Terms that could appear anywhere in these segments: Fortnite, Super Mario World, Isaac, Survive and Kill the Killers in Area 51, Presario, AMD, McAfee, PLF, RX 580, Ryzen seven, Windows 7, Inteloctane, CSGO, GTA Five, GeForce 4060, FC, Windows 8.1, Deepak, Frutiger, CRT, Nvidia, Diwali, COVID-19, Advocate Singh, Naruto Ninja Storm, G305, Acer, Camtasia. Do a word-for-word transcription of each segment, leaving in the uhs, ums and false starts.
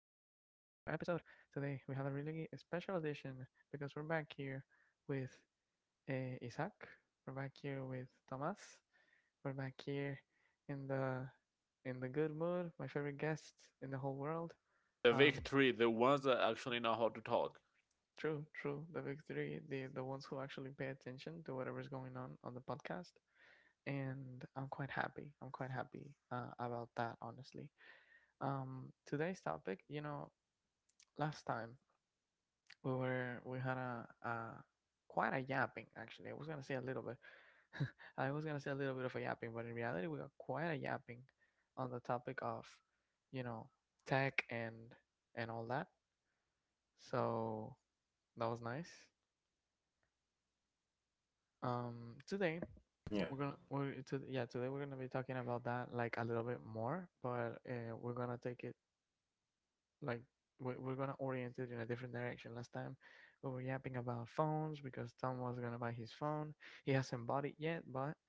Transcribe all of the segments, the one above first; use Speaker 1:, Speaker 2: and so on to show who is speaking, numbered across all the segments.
Speaker 1: episode. Today we have a really special edition because we're back here with uh, Isaac. We're back here with Thomas. We're back here in the in the good mood. My favorite guests in the whole world.
Speaker 2: The
Speaker 1: Um,
Speaker 2: victory, the ones that actually know how to talk.
Speaker 1: True, true. The big three, the the ones who actually pay attention to whatever's going on on the podcast, and I'm quite happy. I'm quite happy uh, about that, honestly. Um today's topic, you know last time we were we had a, a quite a yapping actually. I was gonna say a little bit. I was gonna say a little bit of a yapping, but in reality we got quite a yapping on the topic of, you know, tech and and all that. So that was nice. Um today
Speaker 3: Yeah.
Speaker 1: we're gonna we're to, yeah, today we're gonna be talking about that like a little bit more, but uh, we're gonna take it like we're, we're gonna orient it in a different direction. Last time we were yapping about phones because Tom was gonna buy his phone. He hasn't bought it yet, but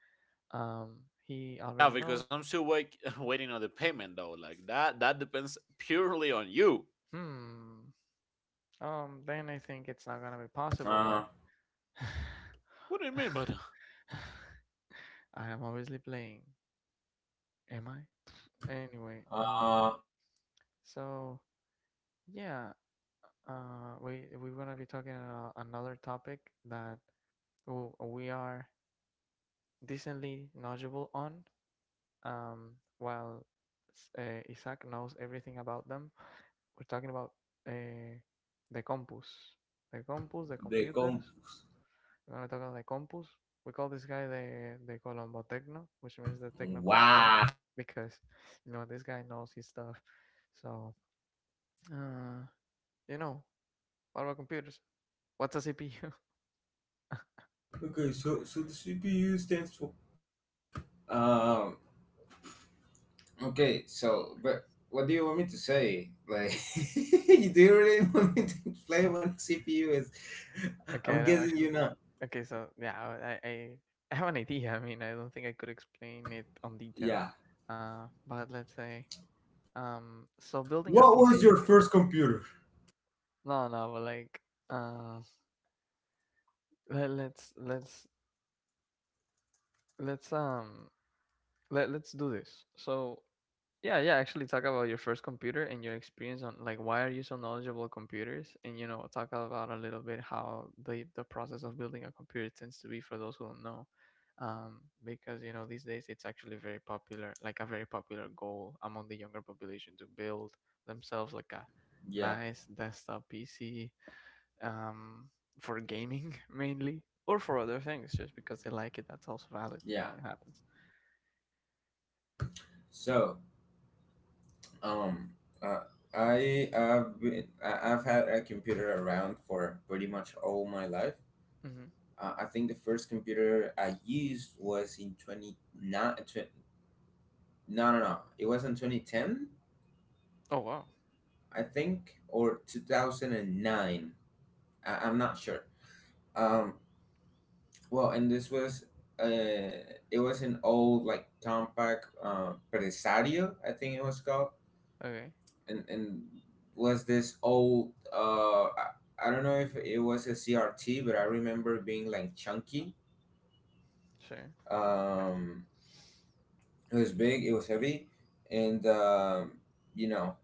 Speaker 1: um he
Speaker 2: Yeah,
Speaker 1: already
Speaker 2: because
Speaker 1: knows.
Speaker 2: I'm still wait- waiting on the payment though. Like that, that depends purely on you.
Speaker 1: hmm um then I think it's not gonna be possible,
Speaker 3: Uh,
Speaker 1: but
Speaker 2: What do you mean by
Speaker 1: I am obviously playing. Am I? Anyway, um
Speaker 3: uh,
Speaker 1: so yeah, uh we we're gonna be talking about another topic that we are decently knowledgeable on. Um, while uh, Isaac knows everything about them, we're talking about uh, the compus, the compus, the
Speaker 3: they come.
Speaker 1: computers. We're gonna talk about the compus. We call this guy the the Colombo Tecno, which means the Techno Colombian,
Speaker 3: Wow.
Speaker 1: because you know this guy knows his stuff. So uh, you know, what about computers? What's a C P U?
Speaker 3: Okay, so so the C P U stands for. Um. Okay, so but what do you want me to say? Like, you do you really want me to explain what a C P U is? I'm
Speaker 1: Okay, I don't
Speaker 3: guessing you're
Speaker 1: actually.
Speaker 3: not.
Speaker 1: Okay, so yeah, I, I I have an idea. I mean, I don't think I could explain it on detail.
Speaker 3: Yeah.
Speaker 1: Uh, but let's say. Um, so building a
Speaker 3: What was your
Speaker 1: P C,
Speaker 3: first computer?
Speaker 1: no, no, but like, uh, let, let's let's let's um let let's do this. So yeah, yeah, actually talk about your first computer and your experience on, like, why are you so knowledgeable of computers, and you know talk about a little bit how the the process of building a computer tends to be for those who don't know, um, because you know these days it's actually very popular, like a very popular goal among the younger population to build themselves like a
Speaker 3: Yeah,
Speaker 1: nice desktop P C um, for gaming mainly, or for other things, just because they like it. That's also valid. You
Speaker 3: yeah.
Speaker 1: know, it happens.
Speaker 3: So, um, uh, I have been, I- I've had a computer around for pretty much all my life.
Speaker 1: Hmm.
Speaker 3: Uh, I think the first computer I used was in twenty, not, tw- no, no, no. It was in twenty ten,
Speaker 1: Oh wow.
Speaker 3: I think, or two thousand nine. I, I'm not sure. Um, well, and this was, uh, it was an old, like, compact uh, Presario, I think it was called.
Speaker 1: Okay.
Speaker 3: And, and was this old, uh, I, I don't know if it was a C R T, but I remember being, like, chunky.
Speaker 1: Sure.
Speaker 3: Um, It was big. It was heavy, and um, you know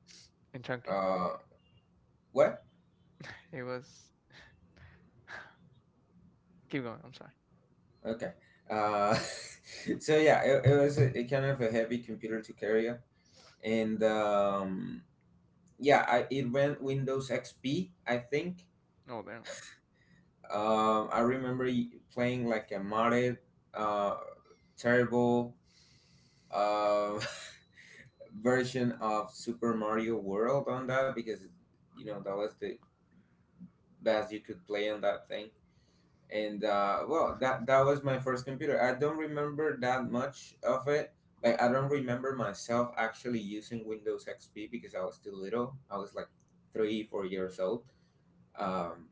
Speaker 1: And chunky.
Speaker 3: uh, what?
Speaker 1: It was. Keep going. I'm sorry.
Speaker 3: Okay. Uh, so yeah, it, it was a, a kind of a heavy computer to carry, up. And um, yeah, I, it ran Windows X P, I think.
Speaker 1: Oh damn.
Speaker 3: Um, I remember y- playing like a modded, uh, terrible uh, version of Super Mario World on that because you know that was the best you could play on that thing. And uh, well, that that was my first computer. I don't remember that much of it. Like, I don't remember myself actually using Windows XP, because I was still little. I was like three four years old. um,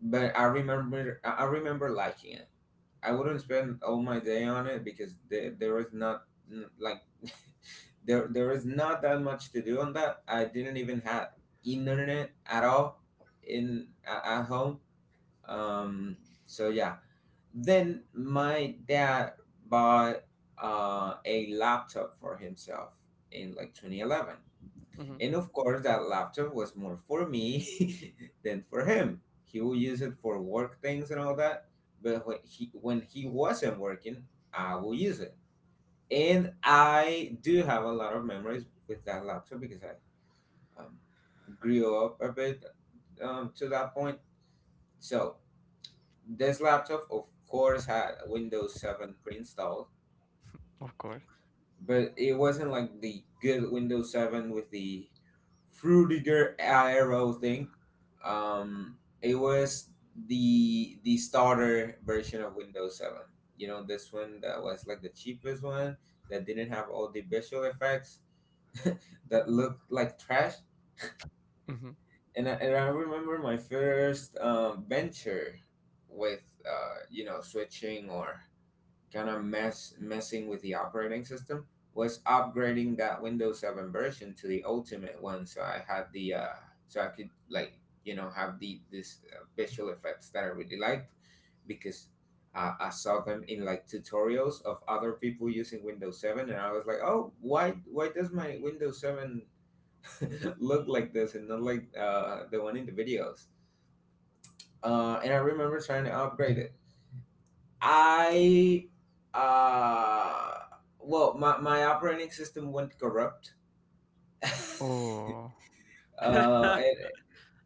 Speaker 3: but I remember i I remember liking it. I wouldn't spend all my day on it because there, there is not n- like there there is not that much to do on that. I didn't even have internet at all in at at home. um, so yeah, then my dad bought uh, a laptop for himself in like twenty eleven.
Speaker 1: Mm-hmm.
Speaker 3: And of course, that laptop was more for me than for him. He would use it for work things and all that. But when he, when he wasn't working, I will use it. And I do have a lot of memories with that laptop, because I um, grew up a bit um, to that point. So this laptop, of course, had Windows seven pre-installed,
Speaker 1: Of course.
Speaker 3: but it wasn't like the good Windows seven with the Frutiger arrow thing. Um, it was the the starter version of Windows seven. You know, this one that was like the cheapest one, that didn't have all the visual effects, that looked like trash.
Speaker 1: Mm-hmm.
Speaker 3: And I, and I remember my first um, venture with, uh, you know switching, or kind of mess messing with the operating system, was upgrading that Windows seven version to the ultimate one, so I had the uh so I could, like, you know have the this uh, visual effects that I really liked, because uh, I saw them in like tutorials of other people using Windows seven. And I was like, oh, why why does my Windows seven look like this, and not like uh the one in the videos? uh and I remember trying to upgrade it. I uh well, my, my operating system went corrupt.
Speaker 1: Oh.
Speaker 3: uh
Speaker 2: that?
Speaker 3: and,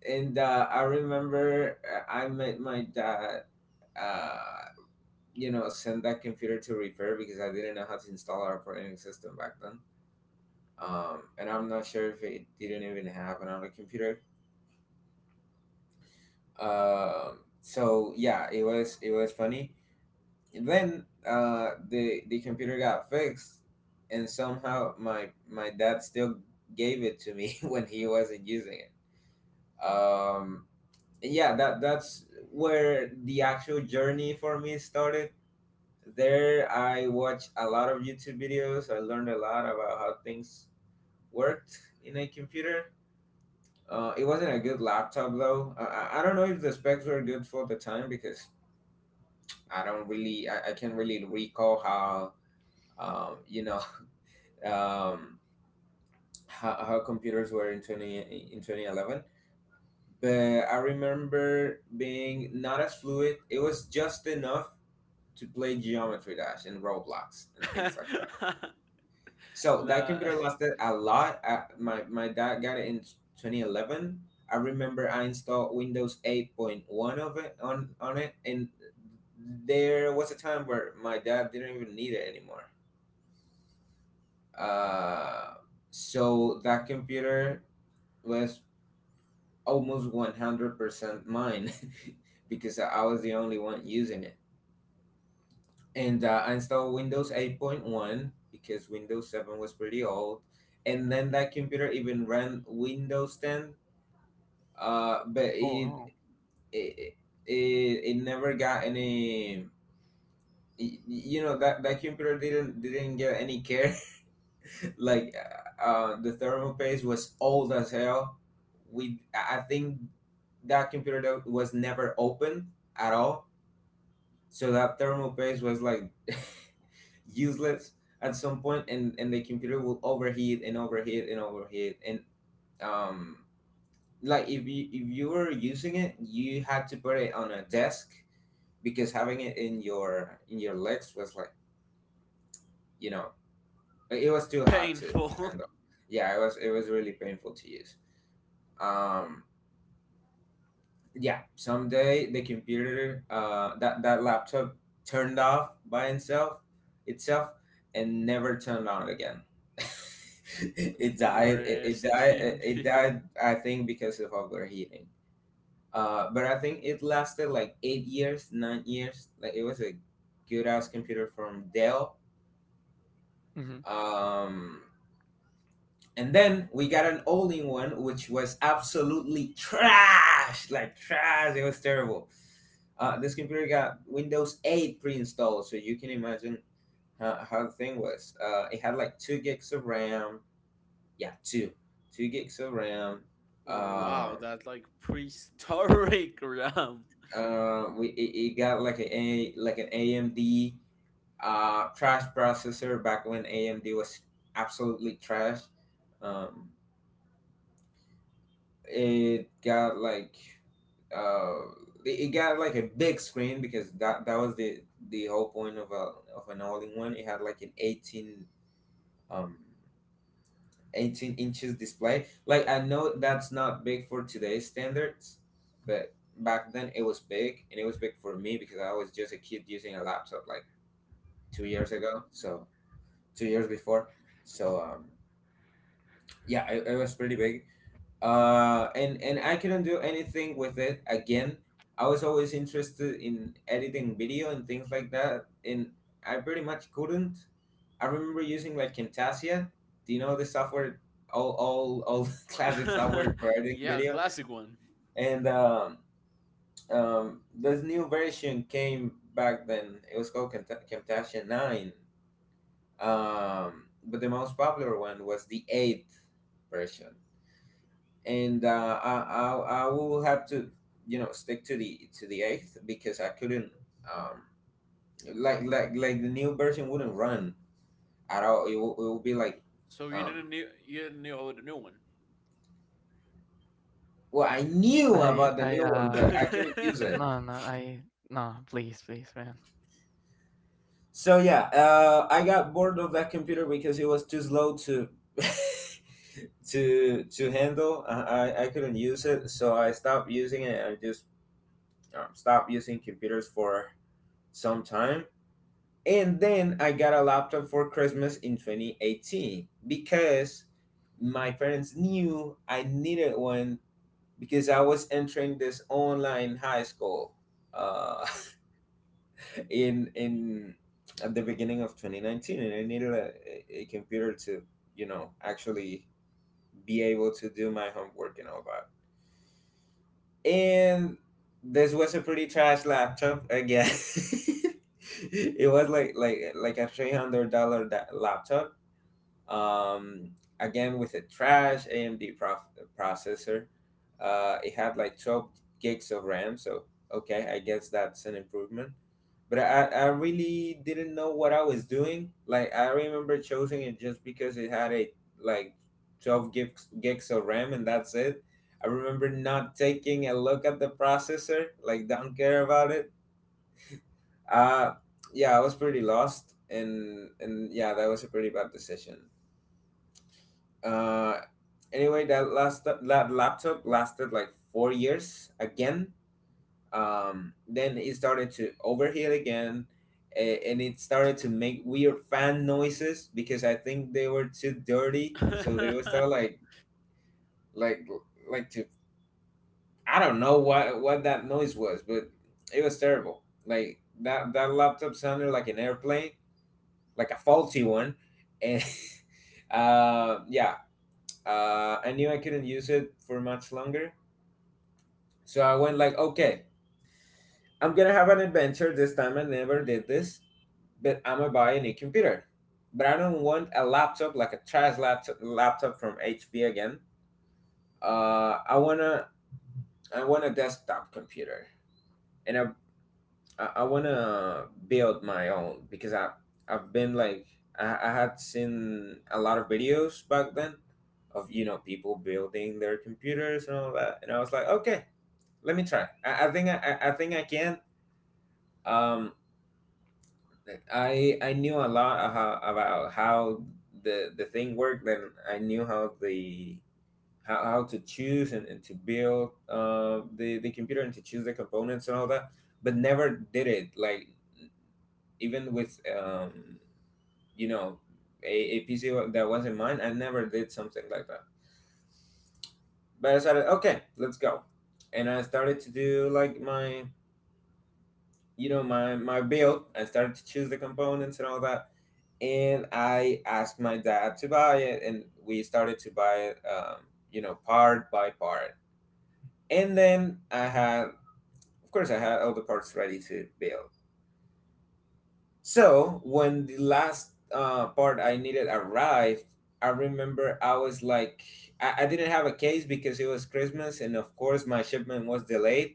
Speaker 3: and uh, I remember, uh, I made my dad, uh you know send that computer to repair, because I didn't know how to install our operating system back then. Um and I'm not sure if it didn't even have another computer. Um so yeah, it was it was funny. Then uh, the the computer got fixed, and somehow my my dad still gave it to me when he wasn't using it. Um, and yeah, that that's where the actual journey for me started. There, I watched a lot of YouTube videos. I learned a lot about how things worked in a computer. Uh, it wasn't a good laptop though. I, I I don't know if the specs were good for the time, because I don't really, I, I can't really recall how, um, you know um, how, how computers were in twenty in twenty eleven. But I remember being not as fluid. It was just enough to play Geometry Dash and Roblox and things like that. So that
Speaker 2: La-
Speaker 3: computer lasted a lot. I, my, my dad got it in twenty eleven. I remember I installed Windows eight point one of it on, on it. And there was a time where my dad didn't even need it anymore. uh, so that computer was almost one hundred percent mine because I was the only one using it. And uh, I installed Windows eight point one because Windows seven was pretty old. And then that computer even ran Windows ten. Uh, but
Speaker 1: Oh
Speaker 3: it,
Speaker 1: wow.
Speaker 3: it, it, it never got any. y- You know, that, that computer didn't didn't get any care. Like, uh, uh, the thermal paste was old as hell. We I I think that computer that was never opened at all. So that thermal paste was like useless at some point, and and the computer will overheat, and overheat, and overheat. And um, like, if you if you were using it, you had to put it on a desk, because having it in your in your legs was like, you know it was too hot to
Speaker 2: painful.
Speaker 3: handle. Yeah, it was it was really painful to use. Um, yeah, someday the computer uh that that laptop turned off by itself itself, and never turned on again. it died it, it
Speaker 2: Rest
Speaker 3: died
Speaker 2: in
Speaker 3: it
Speaker 2: peace.
Speaker 3: died I think, because of overheating. uh but I think it lasted like eight years, nine years. Like, it was a good ass computer from Dell.
Speaker 1: Mm-hmm.
Speaker 3: um and then we got an older one, which was absolutely trash. Like, trash. It was terrible. Uh, this computer got Windows eight pre-installed, so you can imagine how, how the thing was. Uh, it had like two gigs of RAM. Yeah, two, two gigs of RAM. Um,
Speaker 2: Wow, that's like prehistoric RAM.
Speaker 3: uh, we it, it got like a, a, like, an A M D uh trash processor, back when A M D was absolutely trash. Um, it got, like, uh it it got like a big screen, because that that was the the whole point of a of an all-in-one. It had like an eighteen, um eighteen inches display. Like, I know that's not big for today's standards, but back then it was big. And it was big for me, because I was just a kid using a laptop like two years ago, so two years before. So um yeah, it, it was pretty big. uh and and I couldn't do anything with it again. I was always interested in editing video and things like that. And I pretty much couldn't. I remember using like Camtasia. Do you know the software? all all all classic software for editing
Speaker 2: Yeah,
Speaker 3: video.
Speaker 2: classic one.
Speaker 3: And um um this new version came, back then. It was called Camta- Camtasia nine. um but the most popular one was the eighth version. And uh, I, I I will have to, you know stick to the to the eighth, because I couldn't, um like, like like the new version wouldn't run at all. It will, it will be like.
Speaker 2: So you
Speaker 3: um
Speaker 2: didn't knew you didn't know the new one.
Speaker 3: well, I knew
Speaker 1: I.
Speaker 3: about the
Speaker 1: I.
Speaker 3: new one, but
Speaker 1: Uh.
Speaker 3: I couldn't use it.
Speaker 1: No. No. I. No. Please. Please, man.
Speaker 3: So yeah, uh, I got bored of that computer because it was too slow to to to handle. I, I I couldn't use it, so I stopped using it. I just um, stopped using computers for some time. And then I got a laptop for Christmas in twenty eighteen, because my parents knew I needed one, because I was entering this online high school, uh, in in at the beginning of twenty nineteen, and I needed a, a computer to, you know actually be able to do my homework and all that. And this was a pretty trash laptop again. It was like, like like a three hundred dollar da- laptop. um, again with a trash A M D prof- processor. Uh, it had like twelve gigs of RAM, so okay, I guess that's an improvement. But I, I really didn't know what I was doing. Like, I remember choosing it just because it had a like twelve gigs gigs of RAM, and that's it. I remember not taking a look at the processor, like, don't care about it. Uh yeah, I was pretty lost. And and yeah, that was a pretty bad decision. uh anyway, that last that laptop lasted like four years again. um then it started to overheat again. A- and it started to make weird fan noises, because I think they were too dirty. So they would start, like, like like to I don't know what what that noise was. But it was terrible. Like, that that laptop sounded like an airplane, like a faulty one. And uh yeah. uh, I knew I couldn't use it for much longer. So I went like, okay, I'm gonna have an adventure this time. I never did this, but I'm gonna buy a new computer. But I don't want a laptop like a trash laptop, laptop from H P again. Uh, I wanna I want a desktop computer, and I I I wanna build my own because I I've been like I, I had seen a lot of videos back then of you know people building their computers and all that, and I was like, okay, let me try. I, I think I, I I think I can. Um, I I knew a lot of how, about how the the thing worked, and I knew how the how, how to choose and, and to build uh, the the computer and to choose the components and all that, but never did it. Like even with um, you know a, a P C that wasn't mine, I never did something like that. But I started, okay, let's go, and I started to do like my you know my my build. I started to choose the components and all that, and I asked my dad to buy it, and we started to buy it, um, you know part by part. And then I had Of course I had all the parts ready to build. So when the last uh, part I needed arrived, I remember I was like, I, I didn't have a case because it was Christmas, and of course my shipment was delayed.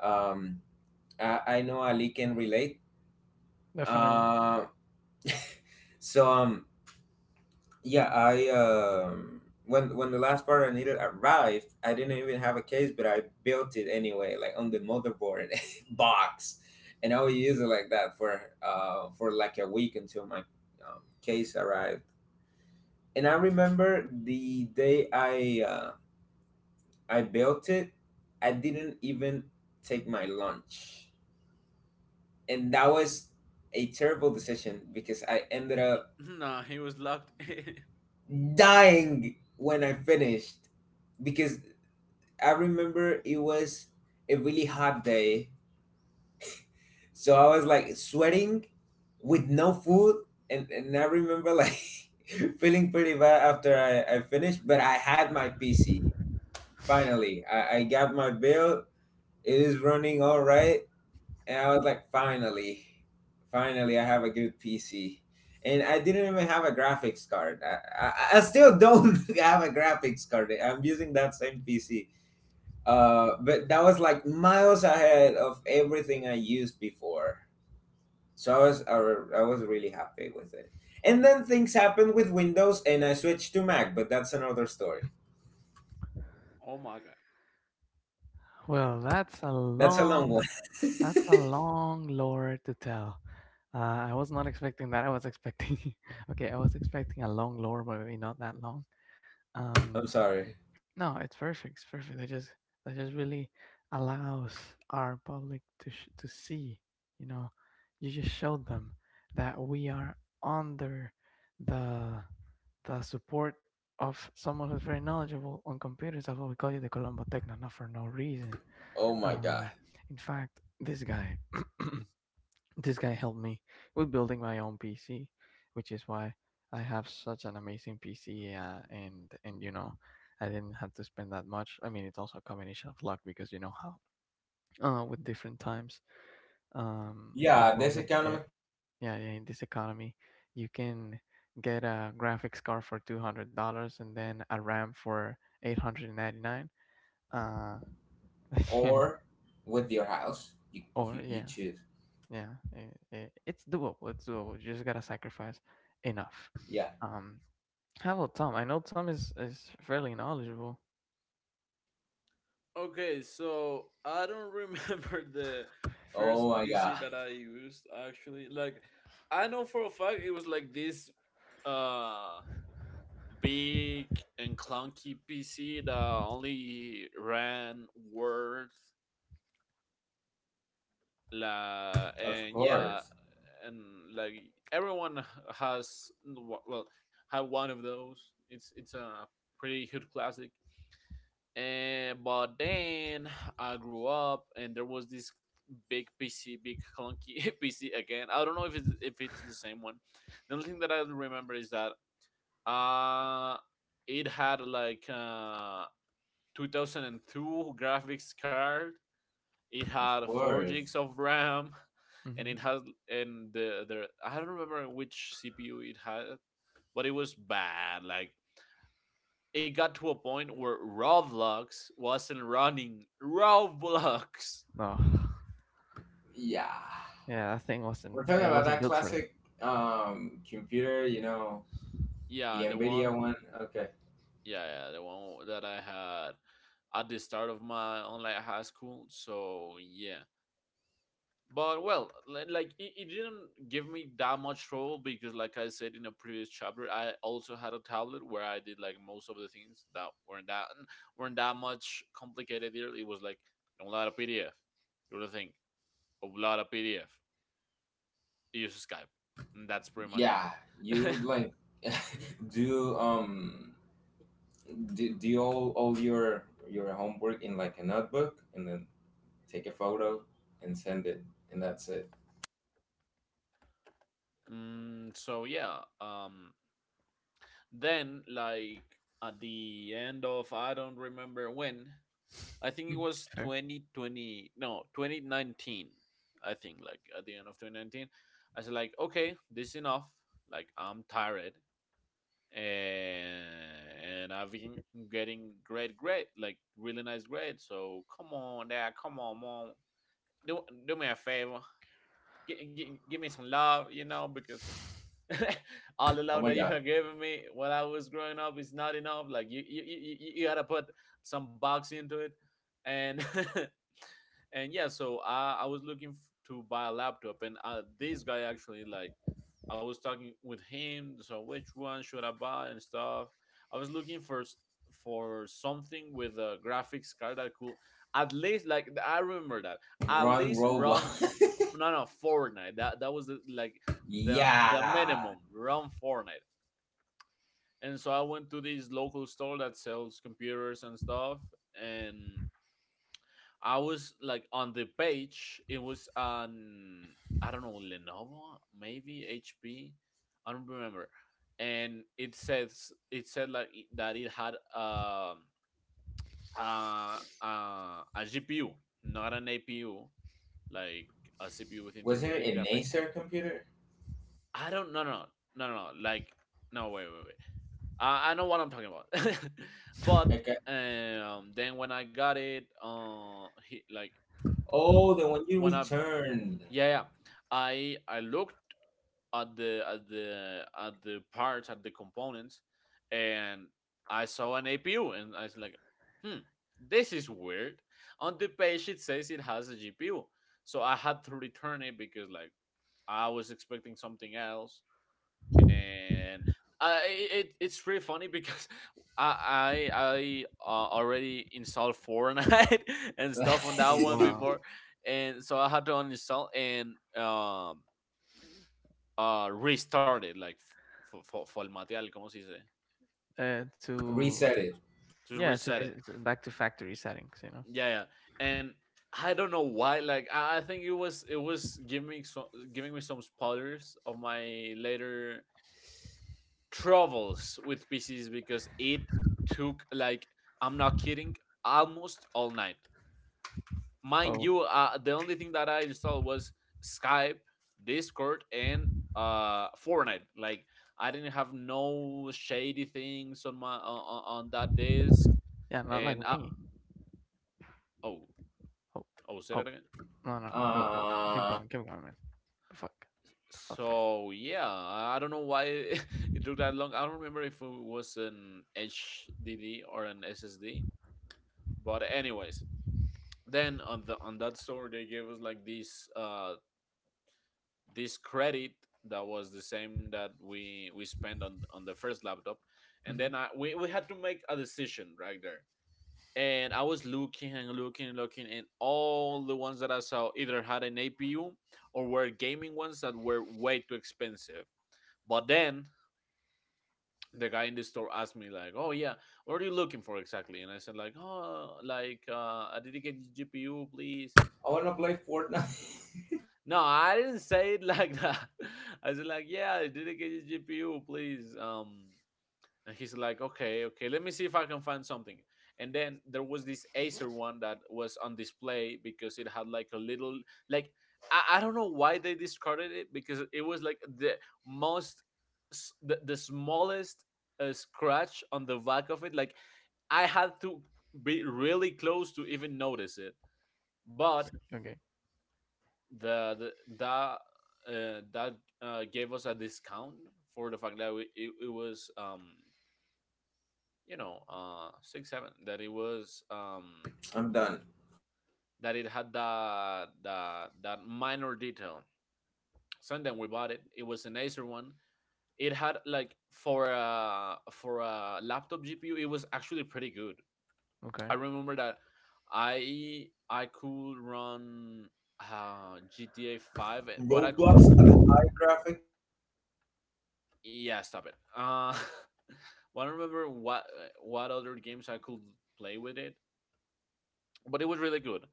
Speaker 3: um, I, I know Ali can relate.
Speaker 1: Definitely.
Speaker 3: uh, so um, Yeah, I um when when the last part I needed arrived, I didn't even have a case, but I built it anyway, like on the motherboard box, and I would use it like that for uh for like a week until my um, case arrived. And I remember the day I uh, I built it. I didn't even take my lunch, and that was a terrible decision because I ended up
Speaker 2: Nah, he was locked in.
Speaker 3: dying when I finished. Because I remember it was a really hot day, so I was like sweating with no food, and, and I remember like feeling pretty bad after I, I finished, but I had my P C finally. I, I got my bill, it is running all right, and I was like, finally, finally, I have a good P C. And I didn't even have a graphics card. I, I, I still don't have a graphics card. I'm using that same P C. Uh, but that was like miles ahead of everything I used before. So I was I, I was really happy with it. And then things happened with Windows, and I switched to Mac, but that's another story.
Speaker 2: Oh my god.
Speaker 1: Well, that's a
Speaker 3: That's a long
Speaker 1: long
Speaker 3: one.
Speaker 1: That's a long lore to tell. Uh, I was not expecting that. I was expecting, okay, I was expecting a long lore, but maybe not that long. Um,
Speaker 3: I'm sorry.
Speaker 1: no, it's perfect. It's perfect. They just that just really allows our public to sh- to see. You know, you just showed them that we are under the the support of someone who's very knowledgeable on computers. That's why we call you the Colombo Techno, not for no reason.
Speaker 3: Oh my god.
Speaker 1: Uh, in fact, this guy. This guy helped me with building my own P C, which is why I have such an amazing P C. Uh, and and you know, I didn't have to spend that much. I mean, it's also a combination of luck because you know how uh, with different times um,
Speaker 3: Yeah, this
Speaker 1: components
Speaker 3: economy,
Speaker 1: get. Yeah, yeah, in this economy you can get a graphics card for two hundred dollars and then a RAM for eight hundred ninety nine. Uh,
Speaker 3: or with your house. You
Speaker 1: or
Speaker 3: you, you
Speaker 1: yeah.
Speaker 3: choose.
Speaker 1: Yeah, it, it's doable. It's doable. You just gotta sacrifice enough.
Speaker 3: Yeah.
Speaker 1: Um, how about Tom? I know Tom is is fairly knowledgeable.
Speaker 2: Okay, so I don't remember the first
Speaker 3: Oh my god.
Speaker 2: P C that I used actually. Like, I know for a fact it was like this uh big and clunky P C that only ran Word, la,
Speaker 3: Of
Speaker 2: and yeah,
Speaker 3: course.
Speaker 2: and like everyone has well had one of those. It's it's a pretty huge classic. And but then I grew up, and there was this big P C, big clunky P C again. I don't know if it's if it's the same one. The only thing that I remember is that uh it had like uh two thousand two graphics card. It
Speaker 3: Of
Speaker 2: had four gigs
Speaker 3: course.
Speaker 2: of RAM, and
Speaker 1: Mm-hmm.
Speaker 2: it has and the the I don't remember which C P U it had, but it was bad. Like it got to a point where Roblox wasn't running. Roblox.
Speaker 1: No,
Speaker 3: Yeah.
Speaker 1: yeah, that thing wasn't
Speaker 3: We're talking
Speaker 1: it
Speaker 3: about
Speaker 1: wasn't
Speaker 3: that
Speaker 1: built for that.
Speaker 3: classic um computer, you know, the
Speaker 2: Yeah, the
Speaker 3: Nvidia
Speaker 2: one.
Speaker 3: one. Okay.
Speaker 2: Yeah, yeah, the one that I had at the start of my online high school. So yeah, but well, like it, it didn't give me that much trouble because, like I said in a previous chapter, I also had a tablet where I did like most of the things that weren't that weren't that much complicated either. It was like download a P D F, do the thing, upload a P D F, use Skype. Mm, that's pretty much
Speaker 3: Yeah, you
Speaker 2: it.
Speaker 3: like do um do, do all all your your homework in like a notebook, and then take a photo and send it, and that's it.
Speaker 2: Mm, so yeah, um, then, like at the end of, I don't remember when. I think it
Speaker 1: Mhm.
Speaker 2: was
Speaker 1: Fair.
Speaker 2: twenty twenty, no, twenty nineteen. I think like at the end of twenty nineteen, I said like, okay, this is enough. Like I'm tired, and, and I've been getting great, great, like really nice grades. So come on, dad, come on, mom, do do me a favor, gi- gi- give me some love, you know, because all the
Speaker 3: Oh
Speaker 2: love
Speaker 3: my
Speaker 2: that you
Speaker 3: god.
Speaker 2: have given me when I was growing up is not enough. Like you, you, you, you you gotta put some box into it, and and yeah, so i i was looking f- to buy a laptop. And uh, this guy actually, like I was talking with him, so which one should I buy and stuff. I was looking for s- for something with a graphics card that could at least, like I remember that, at
Speaker 3: Run
Speaker 2: least
Speaker 3: Roblox.
Speaker 2: run f- f- no, no, Fortnite. That that was the, like the the
Speaker 3: Yeah.
Speaker 2: minimum, run Fortnite. And so I went to this local store that sells computers and stuff, and I was like on the page. It was on, I don't know, Lenovo, maybe H P. I don't remember. And it says it said like that it had uh, uh, uh, a G P U, not an A P U, like a C P U with
Speaker 3: Was it
Speaker 2: integrated
Speaker 3: an
Speaker 2: graphics.
Speaker 3: Acer computer?
Speaker 2: I don't, no no no no no, like no, wait wait wait. I, I know what I'm talking about. But
Speaker 3: Okay.
Speaker 2: um, then when I got it, uh, he, like
Speaker 3: Oh, the one you
Speaker 2: when I
Speaker 3: returned.
Speaker 2: Yeah, yeah. I I looked at the at the at the parts, at the components, and I saw an A P U, and I was like, "Hmm, this is weird." On the page, it says it has a G P U, so I had to return it because like I was expecting something else, and uh, it it's really funny because I I, I uh, already installed Fortnite and stuff on that one
Speaker 1: Wow.
Speaker 2: before, and so I had to uninstall and um uh restart it, like for for formatear, como se dice,
Speaker 1: Uh, to
Speaker 3: Reset it.
Speaker 2: to
Speaker 1: Yeah, to, re-
Speaker 2: reset it.
Speaker 1: to back to factory settings, you know.
Speaker 2: Yeah, yeah, and I don't know why. Like I, I think it was it was giving me some, giving me some spoilers of my later travels with P Cs because it took like, I'm not kidding, almost all night. Mind
Speaker 1: Oh,
Speaker 2: you, uh, the only thing that I installed was Skype, Discord, and uh, Fortnite. Like I didn't have no shady things on my on, on that disk,
Speaker 1: yeah, not like
Speaker 2: and I,
Speaker 1: me.
Speaker 2: oh,
Speaker 1: Oh,
Speaker 2: oh, say that
Speaker 1: oh,
Speaker 2: again.
Speaker 1: no, no,
Speaker 3: uh
Speaker 1: no, go, go, keep
Speaker 3: I
Speaker 1: going, keep going, man. The fuck, the fuck.
Speaker 2: So yeah, I don't know why it it took that long. I don't remember if it was an H D D or an S S D. But anyways, then on the on that store they gave us like this uh this credit that was the same that we we spent on on the first laptop. And
Speaker 1: Mm-hmm.
Speaker 2: then i we, we had to make a decision right there. And I was looking and looking and looking, and all the ones that I saw either had an APU or were gaming ones that were way too expensive. But then the guy in the store asked me like, oh yeah, what are you looking for exactly? And I said like, oh, like uh a dedicated GPU, please.
Speaker 3: want to play Fortnite.
Speaker 2: No, I didn't say it like that. I said like, yeah, I did not get the G P U, please. Um, and he's like, okay, okay, let me see if I can find something. And then there was this Acer one that was on display because it had like a little, like I, I don't know why they discarded it, because it was like the most s- the, the smallest uh, scratch on the back of it. Like I had to be really close to even notice it. But
Speaker 1: Okay,
Speaker 2: the, the that uh, that uh, gave us a discount for the fact that we, it, it was, um you know uh six seven, that it was, um
Speaker 3: I'm done.
Speaker 2: that it had the the that minor detail. So then we bought it, it was an Acer one. It had like, for a, for a laptop GPU, it was actually pretty good.
Speaker 1: okay.
Speaker 2: I remember that i i could run uh GTA five, but I could—
Speaker 3: Roblox at high graphic.
Speaker 2: yeah, stop it. Uh well, I don't remember what what other games I could play with it, but it was really good.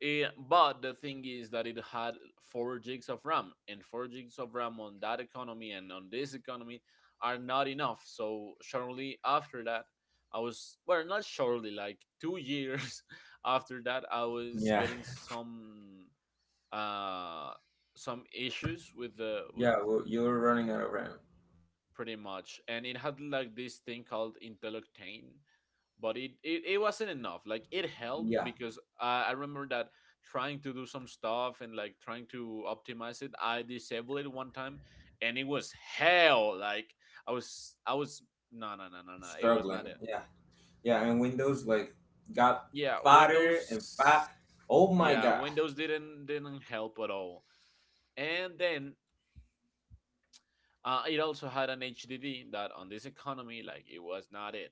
Speaker 2: Eh, but the thing is that it had four gigs of ram, and four gigs of ram on that economy, and on this economy, are not enough. So shortly after that I was, well, not shortly, like two years after that I was
Speaker 3: Yeah.
Speaker 2: getting some uh some issues with the with.
Speaker 3: Yeah, well, you were running out of RAM.
Speaker 2: Pretty much. And it had like this thing called Inteloctane, but it, it, it wasn't enough. Like it helped
Speaker 3: Yeah,
Speaker 2: because I, I remember that trying to do some stuff, and like trying to optimize it, I disabled it one time, and it was hell. Like I was, I was, no, no, no, no, no, it was not
Speaker 3: struggling.
Speaker 2: it.
Speaker 3: Yeah, yeah, and Windows like got
Speaker 2: Yeah,
Speaker 3: fatter and
Speaker 2: Windows,
Speaker 3: fat. Oh my
Speaker 2: yeah,
Speaker 3: god.
Speaker 2: Windows didn't, didn't help at all. And then uh, it also had an H D D that on this economy, like it was not it.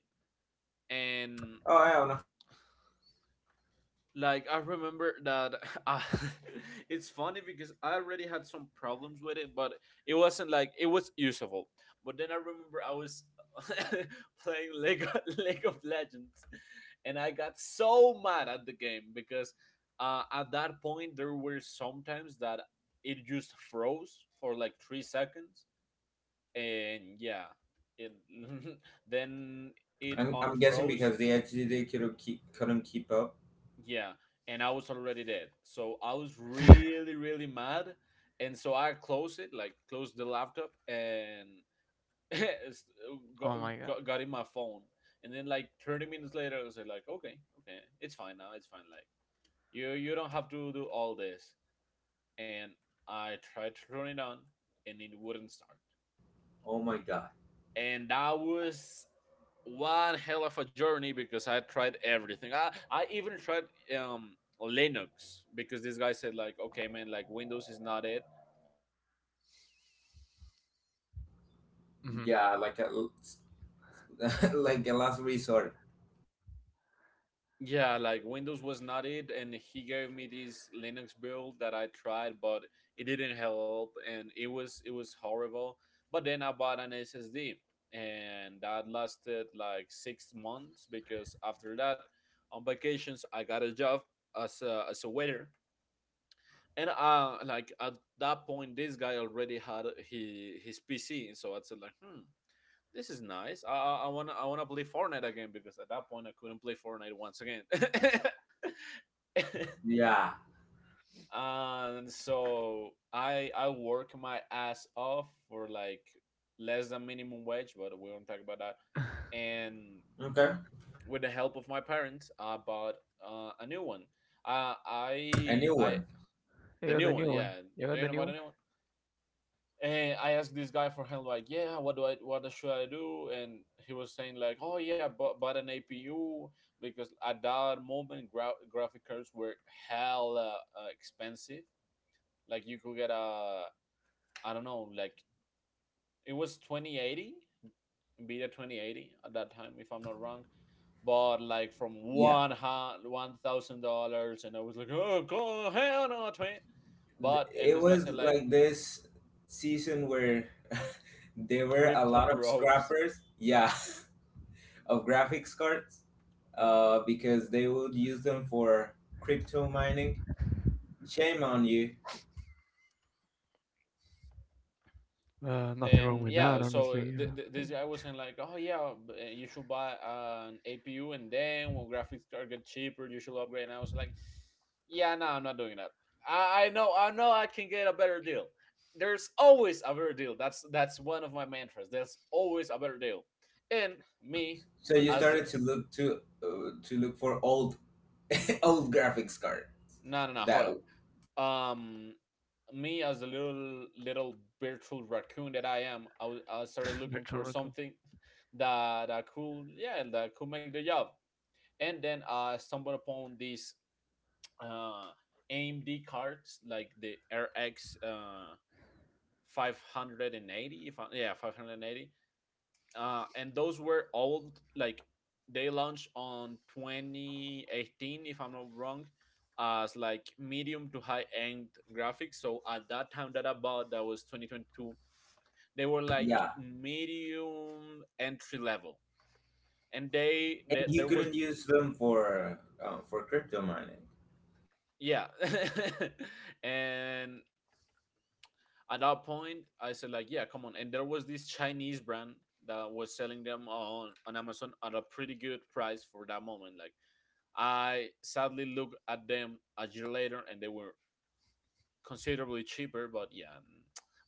Speaker 2: And
Speaker 3: Oh, I don't know.
Speaker 2: like I remember that I, it's funny because I already had some problems with it, but it wasn't, like, it was usable. But then I remember I was playing Lego League of Legends, and I got so mad at the game because uh, at that point there were some times that it just froze for like three seconds, and yeah, it then it
Speaker 3: I'm, I'm guessing
Speaker 2: unfroze,
Speaker 3: because
Speaker 2: and
Speaker 3: they actually they couldn't keep couldn't keep up.
Speaker 2: yeah, and I was already dead. So I was really, really mad. And so I closed it, like closed the laptop, and s- got,
Speaker 1: Oh my god.
Speaker 2: got, got in my phone. And then like thirty minutes later, I was like, okay, okay, it's fine now. It's fine. Like you, you don't have to do all this. And I tried to turn it on, and it wouldn't start.
Speaker 3: Oh my god.
Speaker 2: And that was one hell of a journey, because I tried everything. I, I even tried um Linux because this guy said like, okay man, like Windows is not it.
Speaker 1: Mm-hmm.
Speaker 3: Yeah, like a like a last resort.
Speaker 2: Yeah, like Windows was not it, and he gave me this Linux build that I tried, but it didn't help, and it was, it was horrible. But then I bought an S S D, and that lasted like six months because after that, on vacations I got a job as a, as a waiter. And uh like at that point this guy already had he his pc, so I said like, hmm, this is nice, i i want to I want to play Fortnite again because at that point I couldn't play Fortnite once again.
Speaker 3: Yeah.
Speaker 2: And so i i work my ass off for like less than minimum wage, but we won't talk about that. And
Speaker 3: Okay.
Speaker 2: with the help of my parents I bought uh, a new one. Uh,
Speaker 3: A
Speaker 2: I
Speaker 3: new
Speaker 2: I
Speaker 3: one.
Speaker 1: You
Speaker 2: The
Speaker 1: got
Speaker 2: new
Speaker 1: the
Speaker 2: one,
Speaker 1: new
Speaker 2: yeah.
Speaker 1: one. You
Speaker 2: Do
Speaker 1: got
Speaker 2: you
Speaker 1: the
Speaker 2: know about the
Speaker 1: new
Speaker 2: new one? And I asked this guy for help, like, yeah, what do I, what should I do? And he was saying like, oh yeah, but but an A P U because at that moment gra- graphic cards were hella uh, expensive. Like you could get a, I don't know, like it was twenty eighty, Nvidia twenty eighty at that time, if I'm not wrong. But like from
Speaker 3: Yeah.
Speaker 2: one hundred one thousand dollars, and I was like, oh god, hell no, twenty.
Speaker 3: Th-
Speaker 2: But and
Speaker 3: It
Speaker 2: this guy
Speaker 3: was
Speaker 2: said like,
Speaker 3: like this season where there were a
Speaker 2: crypto
Speaker 3: lot of
Speaker 2: bros.
Speaker 3: scrappers. Yeah, of graphics cards, uh, because they would use them for crypto mining. Shame on you.
Speaker 1: one. Uh, nothing wrong
Speaker 2: Um,
Speaker 1: with that,
Speaker 2: yeah, so
Speaker 1: honestly.
Speaker 2: th- th-
Speaker 1: Uh,
Speaker 2: this guy was saying like, oh yeah, b- uh, you should buy an A P U, and then when graphics card get cheaper, you should upgrade. And I was like, yeah, no, I'm not doing that. I, I know, I know, I can get a better deal. There's always a better deal. That's that's one of my mantras. There's always a better deal. And me,
Speaker 3: So you
Speaker 2: as,
Speaker 3: started to look to uh, to look for old old graphics card
Speaker 2: no, no, no, hold
Speaker 3: that—
Speaker 2: up. um Me as a little little virtual raccoon that I am, i, w- I
Speaker 1: I-
Speaker 2: started looking
Speaker 1: virtual
Speaker 2: for
Speaker 1: record.
Speaker 2: something that that could, yeah, that could make the job. And then I stumbled upon these uh AMD cards, like the RX uh five eighty, if I, yeah, five eighty. Uh, and those were old. Like they launched on twenty eighteen, if I'm not wrong, as like medium to high end graphics. So at that time that I bought, that was twenty twenty-two. They were like
Speaker 3: Yeah,
Speaker 2: medium entry level, and they,
Speaker 3: and
Speaker 2: they
Speaker 3: you
Speaker 2: there was,
Speaker 3: couldn't use them for uh, for crypto mining.
Speaker 2: yeah. And at that point I said like, yeah, come on. And there was this Chinese brand that was selling them on on Amazon at a pretty good price for that moment. Like, I sadly looked at them a year later and they were considerably cheaper, but yeah,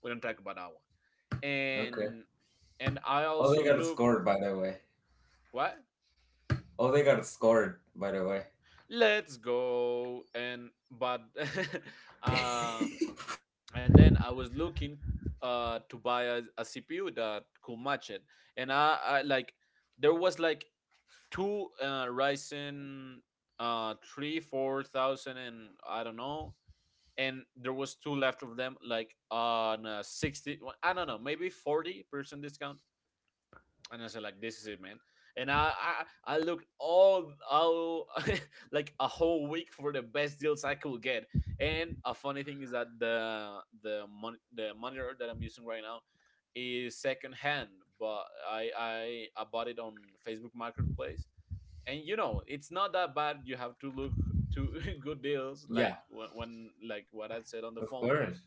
Speaker 2: we don't talk about that one.
Speaker 3: Okay.
Speaker 2: And and I
Speaker 3: Oh, they
Speaker 2: also
Speaker 3: got
Speaker 2: looked.
Speaker 3: scored, by the way.
Speaker 2: What?
Speaker 3: Oh, they got scored, by the way.
Speaker 2: Let's go, and but uh and then I was looking uh to buy a, a C P U that could match it. And I, I like, there was like two uh Ryzen uh three, four thousand, and I don't know, and there was two left of them, like on a sixty, I don't know, maybe forty percent discount. And I said like, this is it, man. And I I, I looked all all like a whole week for the best deals I could get. And a funny thing is that the the mon- the monitor that I'm using right now is second hand. But I, I I bought it on Facebook Marketplace. And you know, it's not that bad, you have to look to good deals, like
Speaker 3: Yeah,
Speaker 2: when, when like what I said on the
Speaker 3: of
Speaker 2: phone.
Speaker 3: course.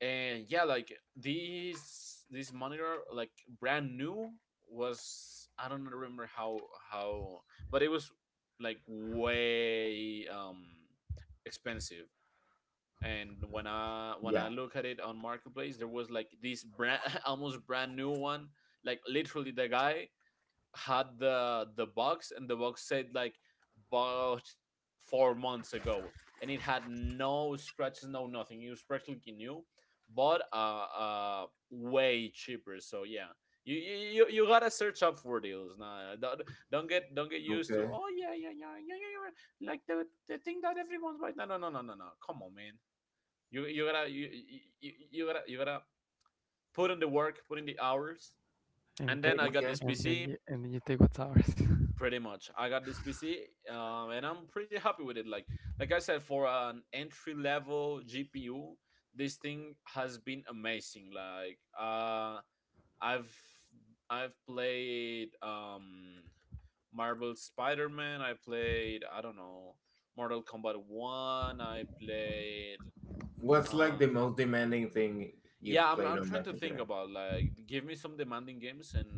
Speaker 2: And yeah, like this this monitor, like, brand new, was, I don't remember how how but it was like way um expensive. And when i when I
Speaker 3: Yeah.
Speaker 2: look at it on Marketplace, there was like this brand, almost brand new one. Like, literally the guy had the the box, and the box said like, bought four months ago, and it had no scratches, no nothing, it was practically new. But uh, uh way cheaper. So yeah, you you, you gotta search up for deals now. don't, don't get, don't get used to,
Speaker 3: Okay.
Speaker 2: "Oh yeah yeah yeah yeah yeah, yeah. Yeah," like the, the thing that everyone's buying. No no no no no no, come on, man. You you gotta, you, you, you gotta, you gotta put in the work, put in the hours.
Speaker 1: And
Speaker 2: And then
Speaker 1: take,
Speaker 2: I got
Speaker 3: Okay.
Speaker 2: this
Speaker 1: and then
Speaker 2: PC.
Speaker 1: you, and then you take what's ours.
Speaker 2: Pretty much I got this PC. um, and I'm pretty happy with it. like like I said, for an entry level GPU, this thing has been amazing. Like, uh i've I've played um Marvel Spider-Man. I played, I don't know, Mortal Kombat one. I played
Speaker 3: What's like
Speaker 2: um
Speaker 3: the most demanding thing you've
Speaker 2: yeah, I'm,
Speaker 3: played
Speaker 2: I'm
Speaker 3: on
Speaker 2: trying
Speaker 3: that
Speaker 2: to think
Speaker 3: computer?
Speaker 2: about, like, give me some demanding games, and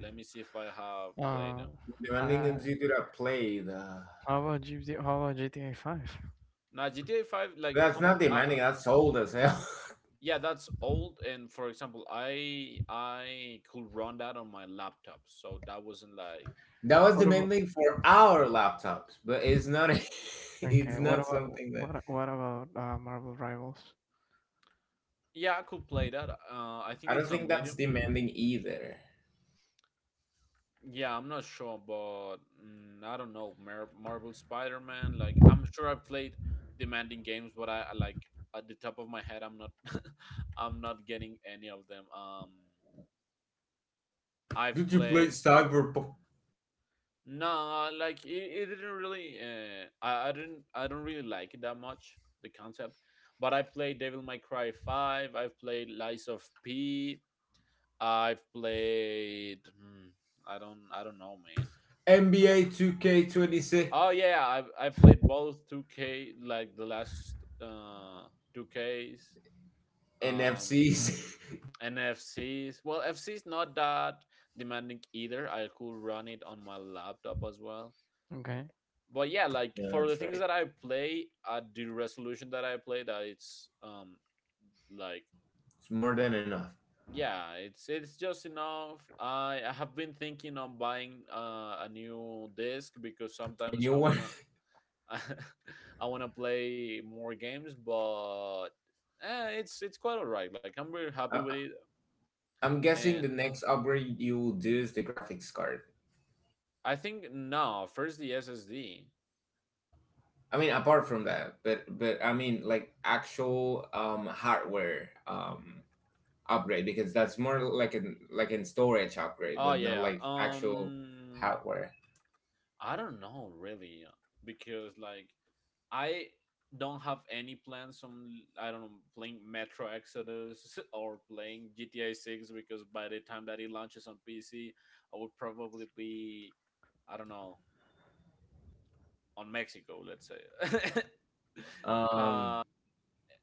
Speaker 2: let me see if I have played
Speaker 1: uh,
Speaker 2: them.
Speaker 3: Demanding
Speaker 1: I,
Speaker 3: games you could have played. Uh,
Speaker 1: how about G T How about G T A five?
Speaker 2: Now GTA five, like,
Speaker 3: That's
Speaker 2: come
Speaker 3: not
Speaker 2: uh,
Speaker 3: demanding. That's old as hell.
Speaker 2: yeah, that's old. And for example, I I could run that on my laptop, so that wasn't like,
Speaker 3: That was
Speaker 1: What about
Speaker 3: demanding for our laptops, but it's not. It's
Speaker 1: okay? What
Speaker 3: not
Speaker 1: about
Speaker 3: something that—
Speaker 1: what? a- What about uh, Marvel Rivals?
Speaker 2: yeah, I could play that. Uh, I think
Speaker 3: I don't
Speaker 2: it's on
Speaker 3: think that's
Speaker 2: Medium.
Speaker 3: demanding either.
Speaker 2: Yeah, I'm not sure, but, mm, I don't know. Mar- Marvel Spider Man, like, I'm sure I played demanding games, but I I, like, at the top of my head, I'm not I'm not getting any of them. Um, I've
Speaker 3: Did you play
Speaker 2: played,
Speaker 3: Cyberpunk,
Speaker 2: no, like, it, it didn't really. Uh, I, I didn't. I don't really like it that much. The concept, but I played Devil May Cry Five. I've played Lies of P. I've played. Hmm, I don't. I don't know, man.
Speaker 3: N B A Two K Twenty Six,
Speaker 2: Oh yeah, I I played both Two K, like, the last uh two Ks,
Speaker 3: and
Speaker 2: um
Speaker 3: F Cs?
Speaker 2: and F Cs. Well, F Cs, not that demanding either. I could run it on my laptop as well,
Speaker 1: Okay.
Speaker 2: but yeah, like,
Speaker 3: Yeah,
Speaker 2: for the
Speaker 3: that's
Speaker 2: things
Speaker 3: right.
Speaker 2: that I play at the resolution that I play, that it's um like,
Speaker 3: It's more than enough.
Speaker 2: yeah, it's it's just enough. I I have been thinking on buying uh, a new disc because
Speaker 3: And
Speaker 2: sometimes
Speaker 3: you
Speaker 2: I
Speaker 3: want?
Speaker 2: wanna I wanna play more games, but, eh, it's it's quite alright. Like, I'm really happy
Speaker 3: I-
Speaker 2: with it,
Speaker 3: I'm guessing
Speaker 2: and
Speaker 3: the next upgrade you will do is the graphics card.
Speaker 2: I think, no, first the S S D.
Speaker 3: I mean, apart from that, but but I mean, like actual um hardware um upgrade, because that's more like an like an storage upgrade,
Speaker 2: Oh
Speaker 3: but not
Speaker 2: yeah,
Speaker 3: like actual
Speaker 2: um,
Speaker 3: hardware,
Speaker 2: I don't know really, uh, because like, I don't have any plans on, I don't know, playing Metro Exodus or playing G T A six, because by the time that it launches on P C, I would probably be, I don't know, on Mexico, let's say.
Speaker 3: um
Speaker 2: uh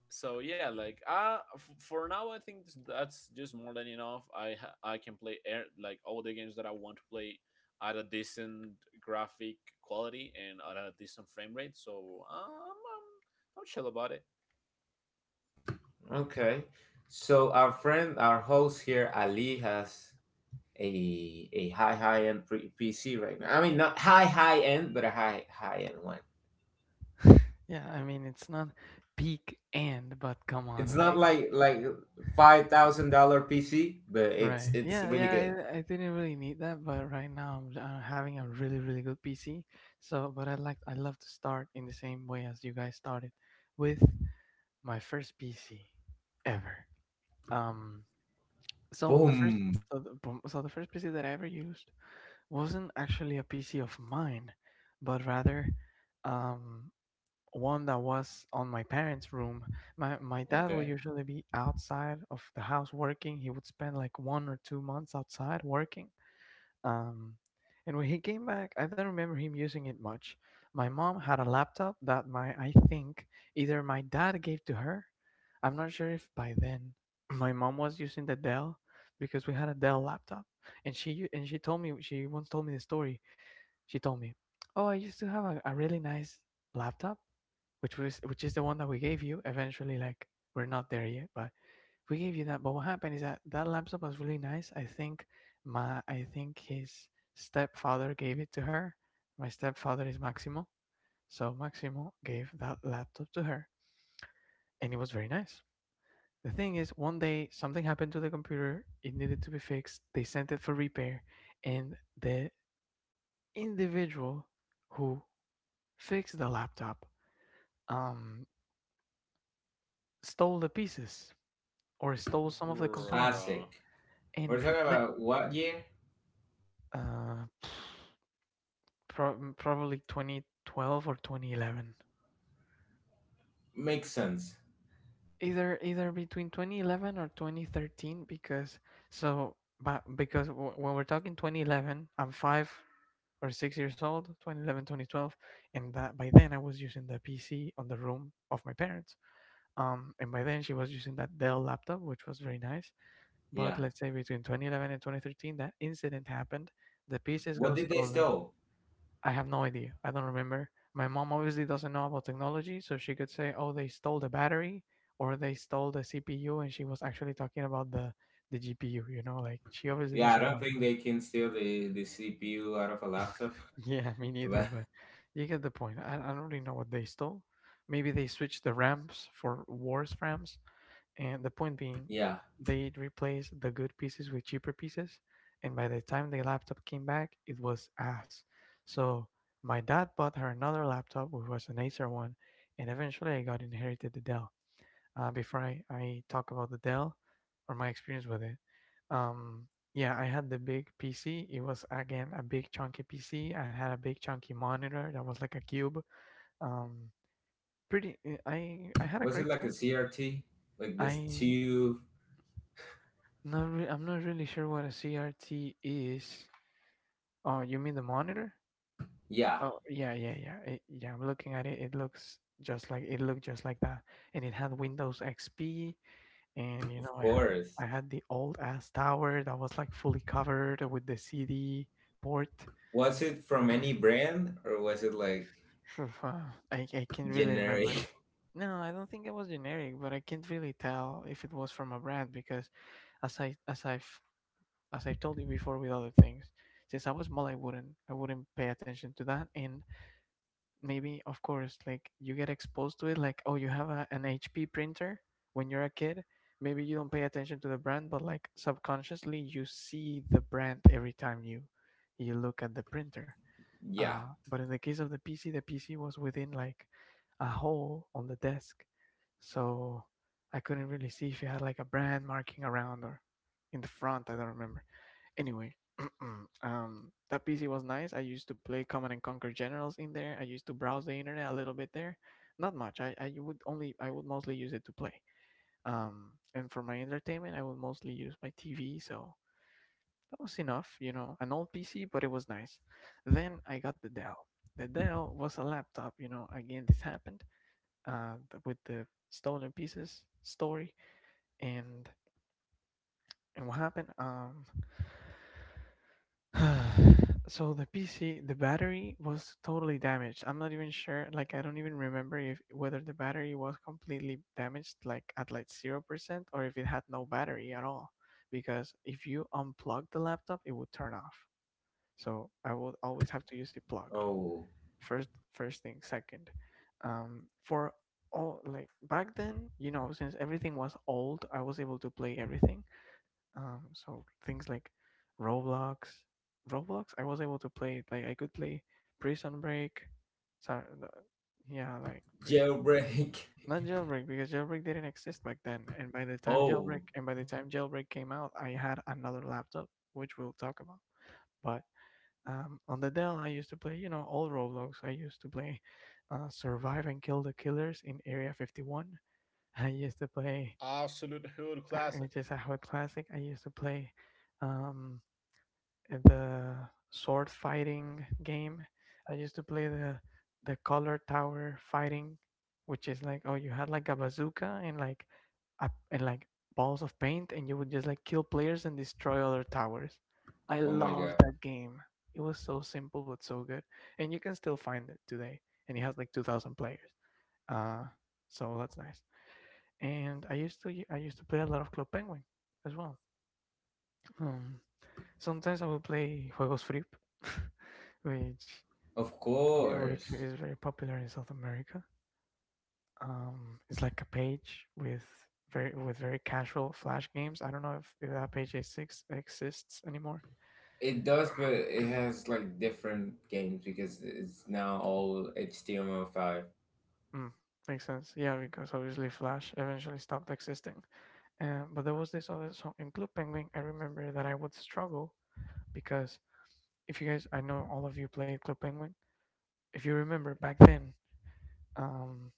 Speaker 2: so yeah, like, uh f- for now I think that's just more than enough. i ha- I can play air, like, all the games that I want to play at a decent graphic quality and at a decent frame rate. So um, i'm i'm chill about it.
Speaker 3: okay. So our friend, our host here Ali, has a a high high end pre- PC right now. I mean, not high high end, but a high high end one.
Speaker 1: Yeah, I mean it's not peak end, but come on,
Speaker 3: It's not
Speaker 1: like.
Speaker 3: like like five thousand dollar PC, but it's
Speaker 1: Right.
Speaker 3: it's
Speaker 1: Yeah,
Speaker 3: really
Speaker 1: yeah,
Speaker 3: good.
Speaker 1: I, I didn't really need that, but right now I'm uh, having a really, really good P C. So, but I like I love to start in the same way as you guys started with my first P C ever. Um so the first
Speaker 3: Boom.
Speaker 1: so the, boom- so the first P C that I ever used wasn't actually a P C of mine, but rather um one that was on my parents' room. My my dad would
Speaker 3: Okay.
Speaker 1: usually be outside of the house working. He would spend like one or two months outside working, um, and when he came back, I don't remember him using it much. My mom had a laptop that my I think either my dad gave to her. I'm not sure if by then my mom was using the Dell because we had a Dell laptop, and she u- and she told me. She once told me the story. She told me, "Oh, I used to have a, a really nice laptop, which was which is the one that we gave you. Eventually, like, we're not there yet, but we gave you that, but what happened is that that laptop was really nice. I think. My i think his stepfather gave it to her. My stepfather is Maximo, so Maximo gave that laptop to her, and it was very nice. The thing is, one day something happened to the computer. It needed to be fixed. They sent it for repair, and the individual who fixed the laptop, um, stole the pieces, or stole some of the components,
Speaker 2: Bruh.
Speaker 3: Classic. We're
Speaker 1: and
Speaker 3: talking
Speaker 1: repla-
Speaker 3: about what year?
Speaker 1: uh, Pro probably twenty twelve or twenty eleven.
Speaker 3: Makes sense.
Speaker 1: Either either between twenty eleven or twenty thirteen, because, so but because w- when we're talking twenty eleven, I'm five or six years old, twenty eleven, twenty twelve, and that by then I was using the P C on the room of my parents. Um and by then she was using that Dell laptop, which was very nice, but
Speaker 3: Yeah.
Speaker 1: let's say between twenty eleven and twenty thirteen that incident happened, the pieces
Speaker 3: What
Speaker 1: got
Speaker 3: did they
Speaker 1: stolen.
Speaker 3: steal?
Speaker 1: I have no idea. I don't remember. My mom obviously doesn't know about technology, so she could say, "Oh, they stole the battery or they stole the C P U," and she was actually talking about the the G P U, you know, like, she obviously
Speaker 3: Yeah, I
Speaker 1: doesn't
Speaker 3: don't
Speaker 1: know.
Speaker 3: think they can steal the the C P U out of a laptop.
Speaker 1: Yeah, me neither,
Speaker 3: But
Speaker 1: but you get the point. I, I don't really know what they stole. Maybe they switched the RAMs for wars RAMs. And the point being,
Speaker 3: yeah,
Speaker 1: they'd replace the good pieces with cheaper pieces. And by the time the laptop came back, it was ass. So my dad bought her another laptop, which was an Acer one. And eventually I got inherited the Dell. Uh, before I, I talk about the Dell or my experience with it, um, yeah, I had the big P C. It was again a big chunky P C. I had a big chunky monitor that was like a cube. Um, Pretty. eh, I I had a
Speaker 3: was it
Speaker 1: great
Speaker 3: like a
Speaker 1: time.
Speaker 3: C R T? Like this
Speaker 1: I
Speaker 3: tube?
Speaker 1: Not re- I'm not really sure what a C R T is. Oh, you mean the monitor?
Speaker 3: Yeah,
Speaker 1: Oh, yeah, yeah, yeah. It, yeah, I'm looking at it. It looks just like it looked just like that. And it had Windows X P, and you
Speaker 3: of
Speaker 1: know, I had I
Speaker 3: course.
Speaker 1: had the old ass tower that was like fully covered with the C D port.
Speaker 3: Was it from any brand, or was it like
Speaker 1: Oof, uh, I I can't really
Speaker 3: generic?
Speaker 1: remember. No, I don't think it was generic, but I can't really tell if it was from a brand because, as I as I've as I've told you before, with other things. Since I was small, I wouldn't, I wouldn't pay attention to that. And maybe, of course, like, you get exposed to it, like, oh, you have a, an H P printer when you're a kid. Maybe you don't pay attention to the brand, but like, subconsciously, you see the brand every time you you look at the printer.
Speaker 3: Yeah.
Speaker 1: Uh, but in the case of the P C, the P C was within like a hole on the desk, so I couldn't really see if it had like a brand marking around or in the front. I don't remember. Anyway, um, that P C was nice. I used to play Command and Conquer Generals in there. I used to browse the internet a little bit there. Not much. I, I would only I would mostly use it to play. Um, and for my entertainment, I would mostly use my T V. So that was enough, you know, an old P C, but it was nice. Then I got the Dell. The Dell was a laptop, you know. Again, this happened uh, with the stolen pieces story, and and what happened? Um, so the P C, the battery was totally damaged. I'm not even sure. Like, I don't even remember if whether the battery was completely damaged, like at like zero percent, or if it had no battery at all. Because if you unplug the laptop, it would turn off. So I would always have to use it plugged.
Speaker 3: Oh,
Speaker 1: First, first thing. Second, um, for all like back then, you know, since everything was old, I was able to play everything. Um, so things like Roblox, Roblox, I was able to play it. Like I could play Prison Break. Sorry, yeah, like prison.
Speaker 3: jailbreak.
Speaker 1: Not jailbreak because jailbreak didn't exist back then. And by the time
Speaker 3: Oh,
Speaker 1: jailbreak and by the time jailbreak came out, I had another laptop, which we'll talk about. But um, on the Dell, I used to play, you know, old Roblox. I used to play uh, Survive and Kill the Killers in Area fifty-one. I used to play,
Speaker 2: Absolute hood
Speaker 1: uh,
Speaker 2: classic.
Speaker 1: which is a hood classic. I used to play um, the sword fighting game. I used to play the the color tower fighting, which is like oh you had like a bazooka and like a, and like balls of paint, and you would just like kill players and destroy other towers. I
Speaker 3: oh my
Speaker 1: love
Speaker 3: god.
Speaker 1: that game. It was so simple but so good, and you can still find it today. And it has like two thousand players. Uh, so that's nice. And I used to I used to play a lot of Club Penguin as well. Um, Sometimes I will play Juegos Free, which
Speaker 3: Of
Speaker 1: which
Speaker 3: course.
Speaker 1: is very popular in South America. Um, it's like a page with very with very casual flash games. I don't know if, if that page is six exists anymore.
Speaker 3: It does, but it has like different games because it's now all H T M L five.
Speaker 1: Mm, makes sense. Yeah, because obviously Flash eventually stopped existing. Uh, but there was this other song in Club Penguin. I remember that I would struggle because if you guys, I know all of you played Club Penguin. If you remember back then, um,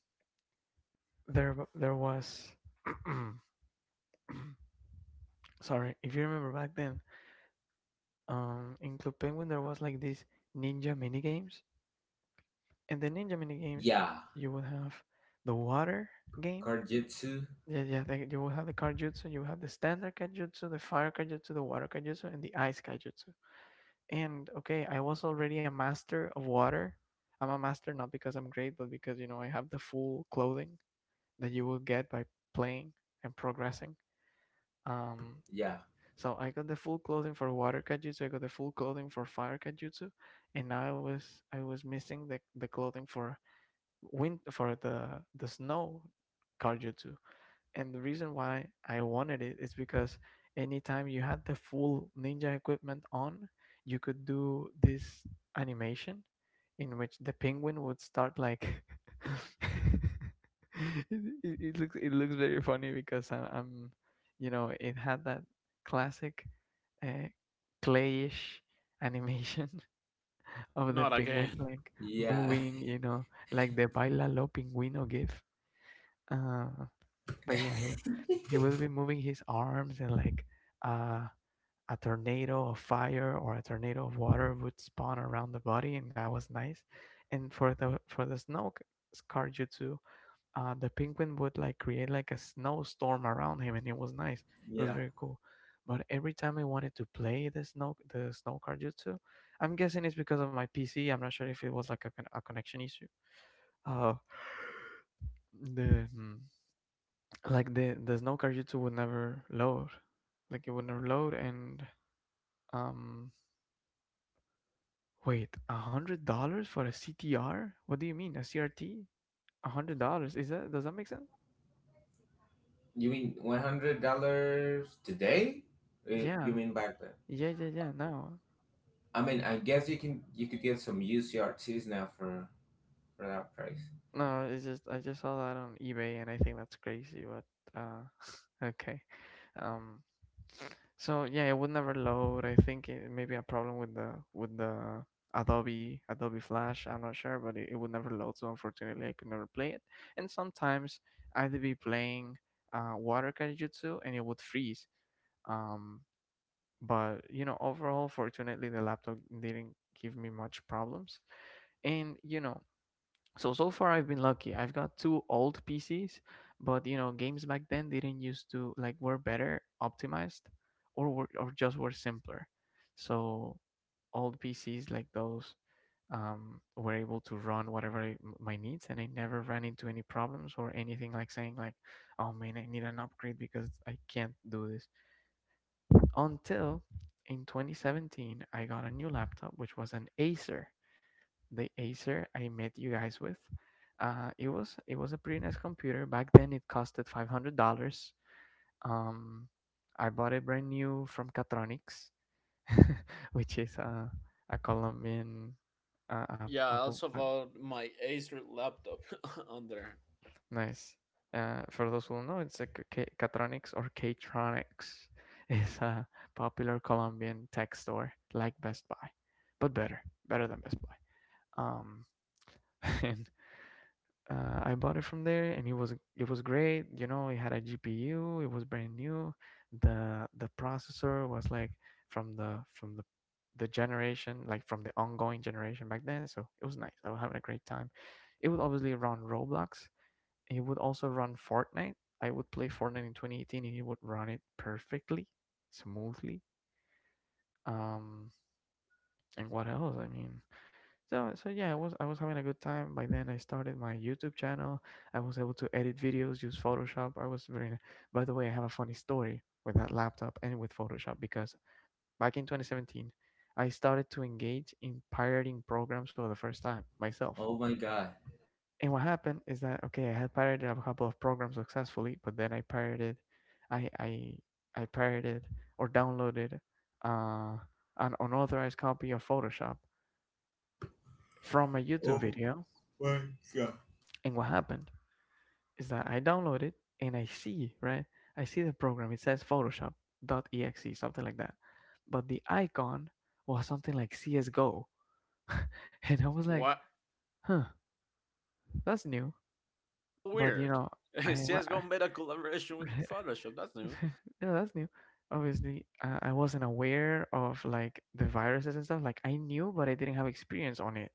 Speaker 1: there there was, sorry, if you remember back then, um, in Club Penguin there was like these ninja mini games, and the ninja mini games,
Speaker 3: Yeah.
Speaker 1: you would have the water game.
Speaker 3: Karjitsu.
Speaker 1: Yeah, yeah. They, you will have the kaijutsu. You will have the standard kaijutsu, the fire kaijutsu, the water kaijutsu, and the ice kaijutsu. And okay, I was already a master of water. I'm a master not because I'm great, but because you know I have the full clothing that you will get by playing and progressing. Um,
Speaker 3: Yeah.
Speaker 1: so I got the full clothing for water kaijutsu, I got the full clothing for fire kaijutsu, and now I was I was missing the, the clothing for wind for the the snow kaijutsu, and the reason why I wanted it is because anytime you had the full ninja equipment on, you could do this animation in which the penguin would start like it, it, it looks it looks very funny because I, I'm you know it had that classic uh, clayish animation of the
Speaker 2: Not
Speaker 1: penguin
Speaker 2: again.
Speaker 1: like
Speaker 3: Yeah.
Speaker 1: moving you know like the bailalo pingüino gif uh, but yeah, he he will be moving his arms and like uh, a tornado of fire or a tornado of water would spawn around the body, and that was nice. And for the for the snow c- scar jutsu, uh, the penguin would like create like a snowstorm around him, and it was nice. It was
Speaker 3: Yeah.
Speaker 1: very cool. But every time I wanted to play the snow the snow card jutsu, I'm guessing it's because of my P C. I'm not sure if it was like a, con- a connection issue. Uh, the hmm, like the the snow car youtube would never load, like it would never load. And um, wait, a hundred dollars for a ctr? What do you mean a crt? A hundred dollars, is that, does that make sense?
Speaker 3: You mean one hundred dollars today? Or you
Speaker 1: yeah
Speaker 3: mean back then?
Speaker 1: yeah yeah yeah no
Speaker 3: I mean, I guess you can you could get some used U C R Ts now for for that price.
Speaker 1: no, it's just I just saw that on eBay and I think that's crazy, but uh, okay. Um, so yeah, it would never load. I think it may be a problem with the with the Adobe Adobe Flash, I'm not sure, but it, it would never load, so unfortunately I could never play it. And sometimes I'd be playing uh Water Kaijutsu and it would freeze. Um but you know, overall fortunately the laptop didn't give me much problems. And you know, so so far I've been lucky, I've got two old P Cs, but you know games back then didn't used to like were better optimized, or were, or just were simpler, so old P Cs like those um, were able to run whatever I- m- my needs, and I never ran into any problems or anything like saying like, oh man, I need an upgrade because I can't do this. Until in twenty seventeen I got a new laptop which was an Acer, the Acer I met you guys with. Uh, it was it was a pretty nice computer back then. It costed five hundred dollars. Um, I bought it brand new from Catronics, which is a a Colombian uh, uh,
Speaker 2: Yeah,
Speaker 1: uh,
Speaker 2: I
Speaker 1: po-
Speaker 2: also
Speaker 1: uh,
Speaker 2: bought my Acer laptop on there.
Speaker 1: nice. Uh, for those who don't know, it's a K- K- Catronics or K-Tronics. It's a popular Colombian tech store like Best Buy, but better, better than Best Buy. Um, and uh, I bought it from there, and it was it was great. You know, it had a G P U. It was brand new. the The processor was like from the from the the generation, like from the ongoing generation back then. So it was nice. I was having a great time. It would obviously run Roblox. It would also run Fortnite. I would play Fortnite in twenty eighteen, and it would run it perfectly, smoothly. Um, and what else? I mean, so so yeah, I was I was having a good time. By then I started my YouTube channel. I was able to edit videos, use Photoshop. I was very— by the way, I have a funny story with that laptop and with Photoshop because back in twenty seventeen, I started to engage in pirating programs for the first time myself.
Speaker 3: Oh my god.
Speaker 1: And what happened is that okay, I had pirated a couple of programs successfully, but then I pirated I I I pirated or downloaded uh an unauthorized copy of Photoshop from a YouTube
Speaker 3: Oh
Speaker 1: video.
Speaker 3: my god.
Speaker 1: And what happened? Is that I download it and I see, right? I see the program. It says Photoshop dot exe, something like that. But the icon was something like C S G O. And I was like,
Speaker 2: What?
Speaker 1: huh, that's new. But, you
Speaker 2: Weird.
Speaker 1: know, I,
Speaker 2: CSGO
Speaker 1: I
Speaker 2: made a collaboration with Photoshop, that's new.
Speaker 1: yeah, that's new. Obviously, uh, I wasn't aware of like the viruses and stuff. Like I knew, but I didn't have experience on it.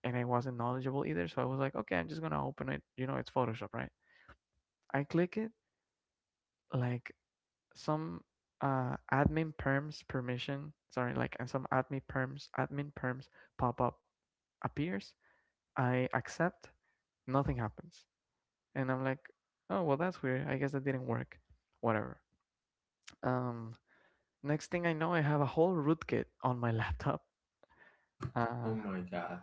Speaker 1: And I wasn't knowledgeable either. So I was like, okay, I'm just going to open it. You know, it's Photoshop, right? I click it. Like some uh admin perms permission, sorry, like, and some admin perms admin perms pop up appears. I accept, nothing happens, and I'm like, oh well, that's weird, I guess that didn't work, whatever. Um, next thing I know I have a whole rootkit on my laptop.
Speaker 3: Oh
Speaker 1: uh
Speaker 3: my god.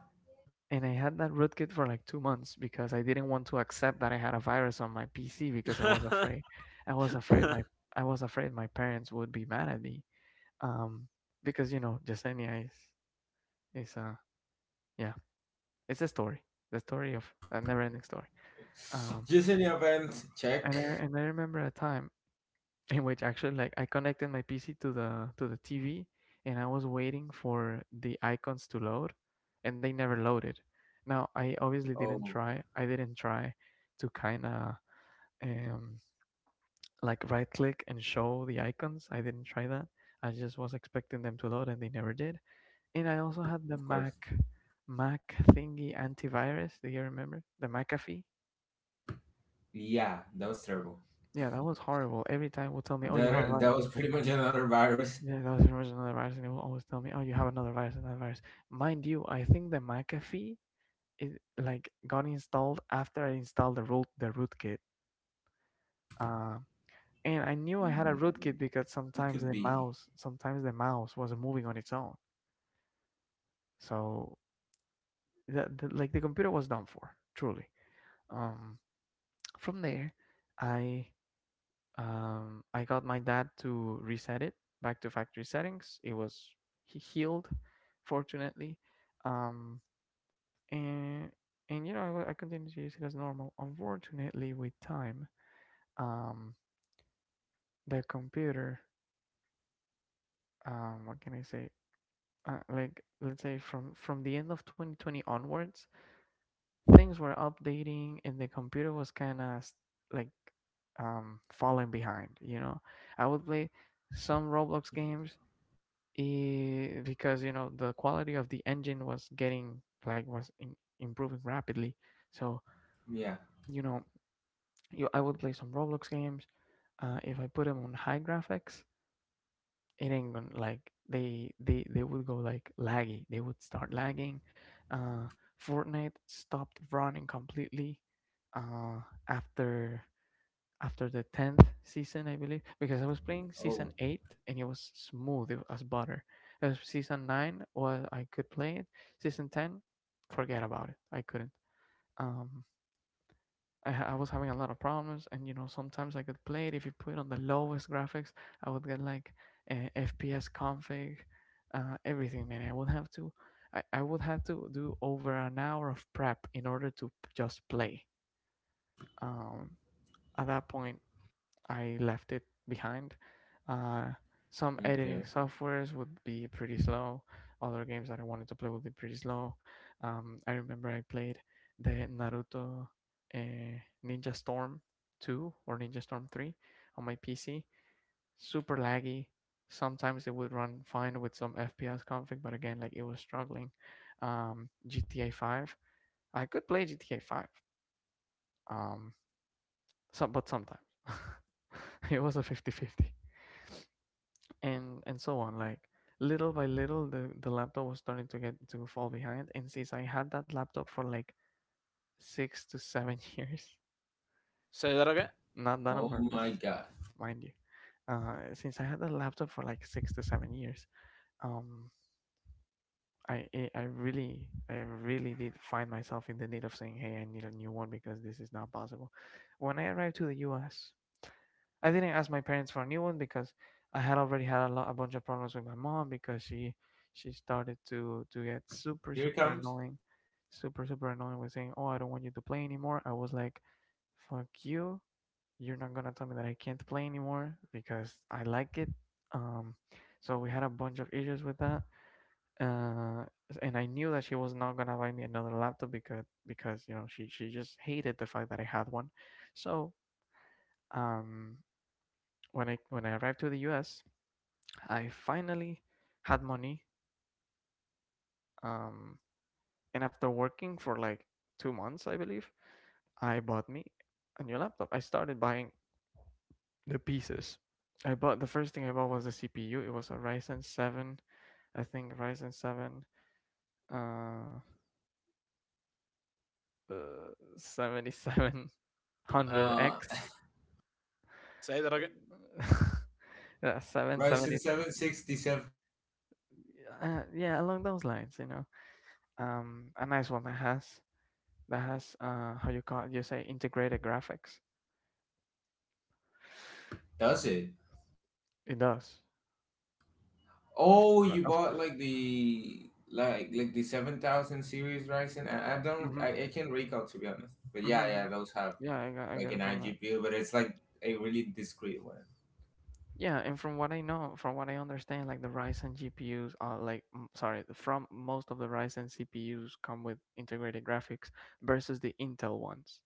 Speaker 1: and I had that rootkit for like two months because I didn't want to accept that I had a virus on my PC because I was afraid. i was afraid my I was afraid my parents would be mad at me. Um, because you know Yesenia is is uh yeah, it's a story, the story of a never ending story. Um,
Speaker 3: Just in the event check.
Speaker 1: and I, and I remember a time in which actually like I connected my P C to the to the T V, and I was waiting for the icons to load, and they never loaded. Now I obviously didn't
Speaker 3: Oh,
Speaker 1: try, I didn't try to kind of um like right click and show the icons, I didn't try that. I just was expecting them to load and they never did. And I also had
Speaker 3: of
Speaker 1: the
Speaker 3: course.
Speaker 1: Mac— Mac thingy antivirus. Do you remember? The McAfee?
Speaker 3: Yeah, that was terrible.
Speaker 1: Yeah, that was horrible. Every time it would tell me, oh, you have a
Speaker 3: That that was
Speaker 1: virus.
Speaker 3: pretty much another virus.
Speaker 1: Yeah, that was, there was another virus and it would always tell me, oh, you have another virus, another virus. Mind you, I think the McAfee it like got installed after I installed the root the rootkit. Um, and I knew I had a rootkit because
Speaker 3: It could
Speaker 1: sometimes the
Speaker 3: be.
Speaker 1: mouse sometimes the mouse was moving on its own. So the, the like the computer was done for, truly. Um from there I um, I got my dad to reset it back to factory settings. It was he healed, fortunately, um, and and you know I, I continued to use it as normal. Unfortunately, with time, um, the computer, um, What can I say? Uh, like let's say from from the end of twenty twenty onwards, things were updating, and the computer was kind of like um falling behind. You know, I would play some Roblox games eh, because you know the quality of the engine was getting like was in, improving rapidly, so
Speaker 3: Yeah.
Speaker 1: you know you I would play some Roblox games. Uh if I put them on high graphics, it ain't gonna like they they they would go like laggy they would start lagging. uh Fortnite stopped running completely uh after after the tenth season, I believe, because I was playing
Speaker 3: Oh.
Speaker 1: season eight and it was smooth it as butter. Uh, season nine was I could play it. Season ten, forget about it. I couldn't. Um I, I was having a lot of problems, and you know sometimes I could play it if you put on the lowest graphics. I would get like uh, F P S config, uh, everything, man. I would have to I, I would have to do over an hour of prep in order to p- just play. Um at that point I left it behind. Uh, some
Speaker 3: Okay.
Speaker 1: editing softwares would be pretty slow. Other games that I wanted to play would be pretty slow. Um, I remember I played the Naruto uh, Ninja Storm two or Ninja Storm three on my P C. Super laggy. Sometimes it would run fine with some F P S config, but again, like it was struggling. Um, G T A five. I could play G T A five, um, some, but sometimes it was a fifty-fifty. And and so on. Like, little by little, the the laptop was starting to get to fall behind, and since I had that laptop for like six to seven years,
Speaker 2: Say that again.
Speaker 1: not done on
Speaker 3: Oh
Speaker 1: purpose,
Speaker 3: my god.
Speaker 1: mind you. Uh since I had that laptop for like six to seven years, um i i I really i really did find myself in the need of saying, hey, I need a new one because this is not possible. When I arrived to the US, I didn't ask my parents for a new one because I had already had a, lot, a bunch of problems with my mom because she she started to to get super
Speaker 3: Here it
Speaker 1: super
Speaker 3: comes.
Speaker 1: annoying, super super annoying, with saying, "Oh, I don't want you to play anymore." I was like, "Fuck you! You're not gonna tell me that I can't play anymore because I like it." Um, so we had a bunch of issues with that. Uh, and I knew that she was not gonna buy me another laptop because because you know she she just hated the fact that I had one. So um when I when I arrived to the U S, I finally had money. Um, and after working for like two months, I believe, I bought me a new laptop. I started buying the pieces. I bought the first thing I bought was the C P U. It was a Ryzen seven, I think Ryzen seven, uh, seventy seven hundred
Speaker 3: Uh,
Speaker 1: X.
Speaker 2: Say that again.
Speaker 1: Yeah, seven
Speaker 3: Right,
Speaker 1: seventy.
Speaker 3: since seven sixty seven,
Speaker 1: Uh, yeah, along those lines, you know. Um, a nice one that has that has uh how you call it, you say, integrated graphics.
Speaker 3: does it?
Speaker 1: It does.
Speaker 3: Oh,
Speaker 1: Yeah.
Speaker 3: you
Speaker 1: Of
Speaker 3: bought like the like like the seven thousand series Ryzen. I, I don't
Speaker 1: Mm-hmm,
Speaker 3: I, I can't recall, to be honest. But
Speaker 1: mm-hmm,
Speaker 3: yeah,
Speaker 1: mm-hmm.
Speaker 3: yeah, those have
Speaker 1: Yeah, I got, I
Speaker 3: like
Speaker 1: got
Speaker 3: an
Speaker 1: it from that.
Speaker 3: iGPU, but it's like a really discreet one.
Speaker 1: Yeah, and from what I know, from what I understand, like the Ryzen G P Us are like mm, sorry, the- from most of the Ryzen C P Us come with integrated graphics versus the Intel ones.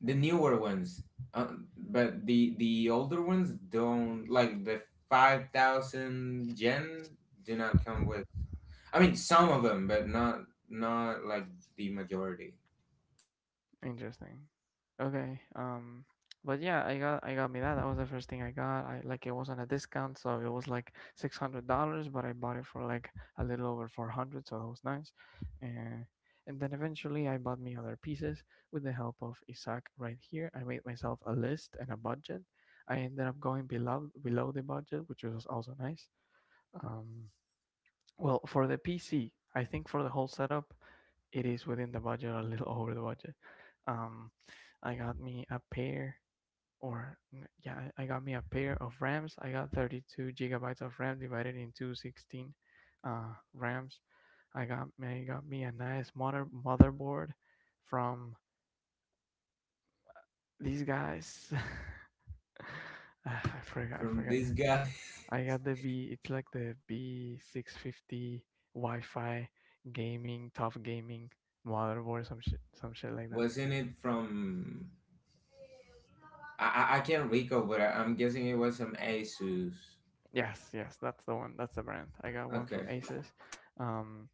Speaker 3: The newer ones, um, but the the older ones don't, like the five thousand gen do not come with. I mean, some of them, but not not like the majority.
Speaker 1: Interesting. Okay. Um, but yeah, I got, I got me that. That was the first thing I got. I like It was on a discount, so it was like six hundred dollars, but I bought it for like a little over four hundred, so that was nice. And and then eventually I bought me other pieces with the help of Isaac right here. I made myself a list and a budget. I ended up going below below the budget, which was also nice. Um, well, for the P C, I think for the whole setup, it is within the budget, a little over the budget. Um, I got me a pair, or n- yeah, I I got me a pair of RAMs. I got thirty-two gigabytes of RAM divided into sixteen uh, RAMs. I got me, I got me a nice mother motherboard from these guys. Ah, I forgot, I
Speaker 3: From
Speaker 1: forgot.
Speaker 3: this guy.
Speaker 1: I got the B. It's like the B six fifty Wi-Fi gaming, tough gaming motherboard, some shit, some shit like that.
Speaker 3: Wasn't it from? I I, I can't recall, but I, I'm guessing it was from ASUS.
Speaker 1: Yes, yes, that's the one. That's the brand. I got one from
Speaker 3: Okay.
Speaker 1: Asus, um,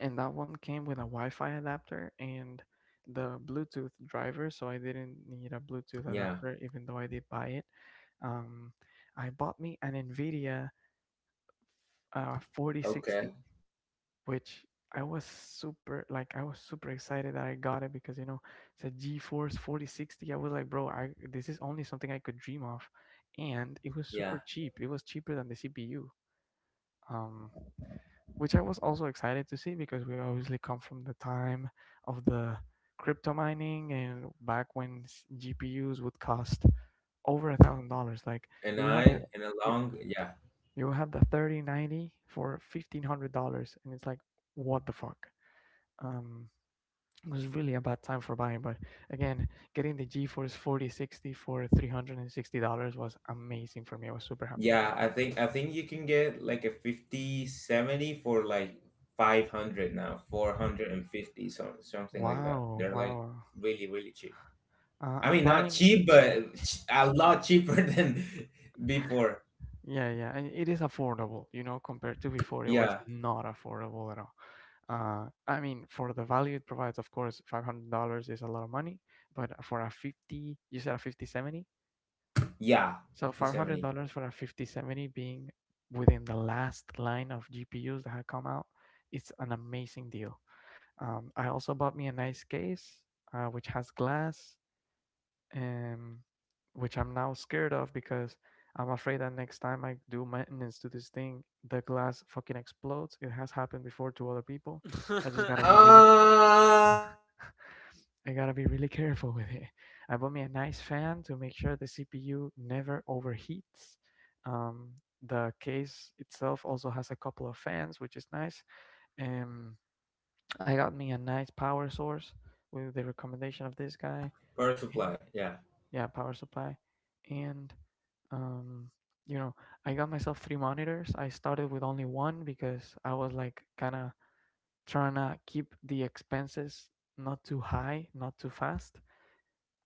Speaker 1: and that one came with a Wi-Fi adapter and the Bluetooth driver, so I didn't need a Bluetooth
Speaker 3: Yeah.
Speaker 1: adapter, even though I did buy it. Um, I bought me an NVIDIA uh,
Speaker 3: Okay.
Speaker 1: forty sixty, which I was super like I was super excited that I got it because you know it's a GeForce forty sixty. I was like, bro, I this is only something I could dream of, and it was super
Speaker 3: Yeah.
Speaker 1: cheap. It was cheaper than the C P U, um, which I was also excited to see because we obviously come from the time of the crypto mining, and back when s- G P Us would cost over a thousand dollars. Like,
Speaker 3: And
Speaker 1: you have the
Speaker 3: I, and a
Speaker 1: you
Speaker 3: long, yeah.
Speaker 1: you have the thirty ninety for fifteen hundred dollars, and it's like, what the fuck? um it was really a bad time for buying, but again, getting the GeForce forty sixty for three hundred sixty dollars was amazing for me. I was super happy with
Speaker 3: Yeah,
Speaker 1: that.
Speaker 3: I think I think you can get like a fifty seventy for like five hundred now, four hundred fifty, so something like that,
Speaker 1: Wow,
Speaker 3: they're like
Speaker 1: wow.
Speaker 3: really really cheap.
Speaker 1: uh,
Speaker 3: I
Speaker 1: I'm
Speaker 3: mean not
Speaker 1: planning.
Speaker 3: cheap, but ch- a lot cheaper than before.
Speaker 1: Yeah, yeah, and it is affordable, you know, compared to before. It was
Speaker 3: Yeah.
Speaker 1: not affordable at all. uh I mean, for the value it provides, of course five hundred dollars is a lot of money, but for a fifty, you said a fifty seventy.
Speaker 3: Yeah.
Speaker 1: So
Speaker 3: Fifty seventy.
Speaker 1: five hundred dollars for a fifty seventy being within the last line of G P Us that had come out, it's an amazing deal. Um, I also bought me a nice case, uh, which has glass, um, which I'm now scared of because I'm afraid that next time I do maintenance to this thing, the glass fucking explodes. It has happened before to other people. I
Speaker 3: 70,
Speaker 1: just gotta be really
Speaker 3: uh
Speaker 1: I gotta be really careful with it. I bought me a nice fan to make sure the C P U never overheats. Um, the case itself also has a couple of fans, which is nice. Um, I got me a nice power source with the recommendation of this guy.
Speaker 3: power supply, yeah.
Speaker 1: Yeah, power supply. And, um, you know, I got myself three monitors. I started with only one because I was like kind of trying to keep the expenses not too high, not too fast.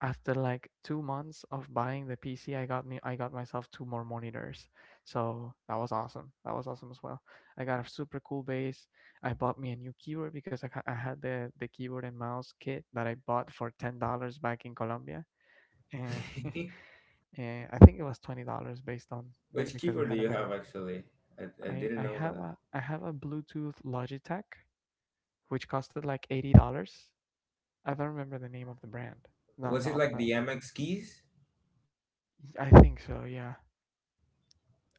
Speaker 1: After like two months of buying the P C, I got me I got myself two more monitors. So that was awesome. That was awesome as well. I got a super cool base. I bought me a new keyboard because I, ha- I had the the keyboard and mouse kit that I bought for ten dollars back in Colombia. And and I think it was twenty dollars based on ba-
Speaker 3: Which
Speaker 1: because we
Speaker 3: keyboard do
Speaker 1: had a
Speaker 3: you
Speaker 1: better.
Speaker 3: have, actually? I, I
Speaker 1: I
Speaker 3: didn't
Speaker 1: I
Speaker 3: know
Speaker 1: have
Speaker 3: that.
Speaker 1: a I have a Bluetooth Logitech which costed like eighty dollars. I don't remember the name of the brand. Not
Speaker 3: Was it
Speaker 1: not
Speaker 3: like
Speaker 1: the.
Speaker 3: the M X keys?
Speaker 1: I think so. Yeah.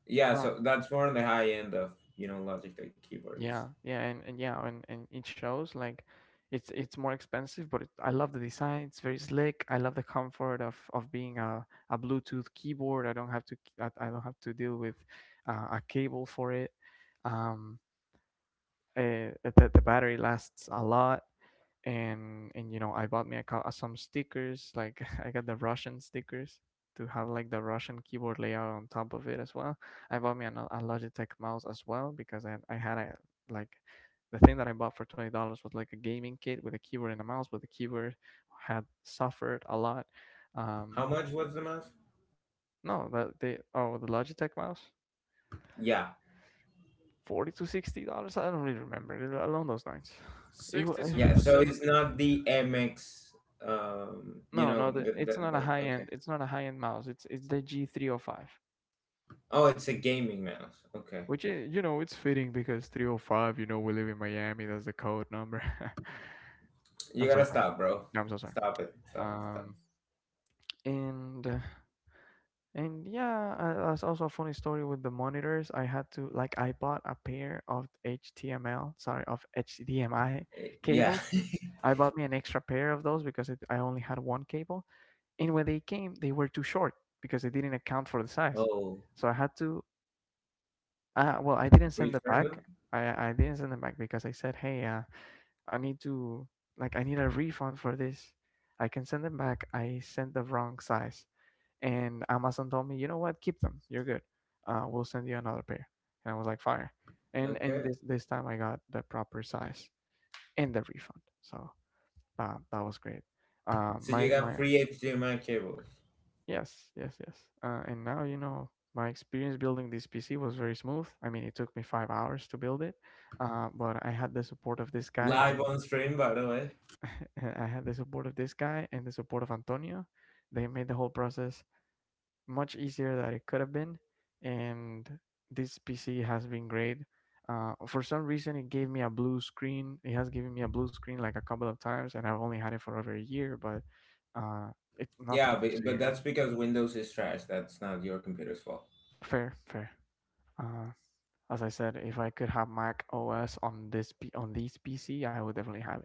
Speaker 3: Yeah,
Speaker 1: Uh,
Speaker 3: so that's more on the high end of, you know, Logitech keyboards.
Speaker 1: yeah, yeah, and, and yeah, and, and it shows like it's it's more expensive, but it, I love the design. It's very slick. I love the comfort of of being a, a Bluetooth keyboard. I don't have to I, I don't have to deal with uh, a cable for it. Um, uh, the the battery lasts a lot, and and you know I bought me a, cou- uh, some stickers. Like I got the Russian stickers to have like the Russian keyboard layout on top of it as well. I bought me an, uh, a Logitech mouse as well because i, I had a like the thing that I bought for twenty dollars. Was like a gaming kit with a keyboard and a mouse, but the keyboard had suffered a lot. um
Speaker 3: How much was the mouse?
Speaker 1: no, that they, oh, the Logitech mouse,
Speaker 3: Yeah.
Speaker 1: forty to sixty dollars, I don't really remember it- along those lines. It was
Speaker 2: sixty
Speaker 3: Yeah,
Speaker 2: to
Speaker 3: so it's
Speaker 2: seventy.
Speaker 3: not the M X, um, you
Speaker 1: no, no,
Speaker 3: know,
Speaker 1: the,
Speaker 3: the, the,
Speaker 1: it's not a
Speaker 3: the
Speaker 1: high
Speaker 3: okay.
Speaker 1: end. It's not a high end mouse. It's it's the G three oh five,
Speaker 3: Oh, it's a gaming mouse. Okay.
Speaker 1: which is, you know, it's fitting because three oh five. You know we live in Miami. That's the code number. I'm
Speaker 3: You
Speaker 1: so
Speaker 3: gotta
Speaker 1: sorry.
Speaker 3: stop, bro.
Speaker 1: Yeah, I'm so sorry.
Speaker 3: Stop it. Stop it. Stop.
Speaker 1: Um, and uh, and yeah, uh, that's also a funny story with the monitors. I had to like I bought a pair of H T M L, sorry, of H D M I
Speaker 3: It. Eh, Yeah.
Speaker 1: cables. I bought me an extra pair of those because it, I only had one cable, and when they came they were too short because they didn't account for the size,
Speaker 3: Oh,
Speaker 1: so I had to Uh, well, I didn't send it
Speaker 3: return
Speaker 1: back.
Speaker 3: them?
Speaker 1: I I didn't send it back because I said, "Hey, uh, I need to like I need a refund for this. I can send them back. I sent the wrong size." And Amazon told me, "You know what? Keep them. You're good. Uh, we'll send you another pair." And I was like, "Fire!" And and
Speaker 3: Okay.
Speaker 1: this this time I got the proper size and the refund. So uh, that was great. Uh,
Speaker 3: So you
Speaker 1: my
Speaker 3: got
Speaker 1: my
Speaker 3: free H D M I cables.
Speaker 1: Yes, yes, yes. Uh, and now, you know, my experience building this P C was very smooth. I mean, it took me five hours to build it, uh, but I had the support of this guy,
Speaker 3: Live
Speaker 1: and
Speaker 3: on stream, by the way.
Speaker 1: I had the support of this guy and the support of Antonio. They made the whole process much easier than it could have been. And this P C has been great. Uh, for some reason, it gave me a blue screen. It has given me a blue screen like a couple of times, and I've only had it for over a year, but uh, it's nothing
Speaker 3: Yeah,
Speaker 1: too
Speaker 3: but, but that's
Speaker 1: serious.
Speaker 3: because Windows is trash. That's not your computer's fault.
Speaker 1: Fair, fair. Uh, As I said, if I could have Mac O S on this P- on these P C, I would definitely have it.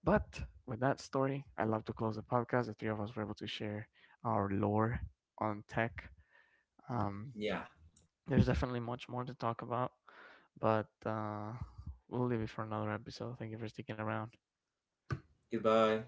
Speaker 1: But with that story, I love to close the podcast. The three of us were able to share our lore on tech. Um,
Speaker 3: Yeah.
Speaker 1: there's definitely much more to talk about, but uh, we'll leave it for another episode. Thank you for sticking around.
Speaker 3: Goodbye.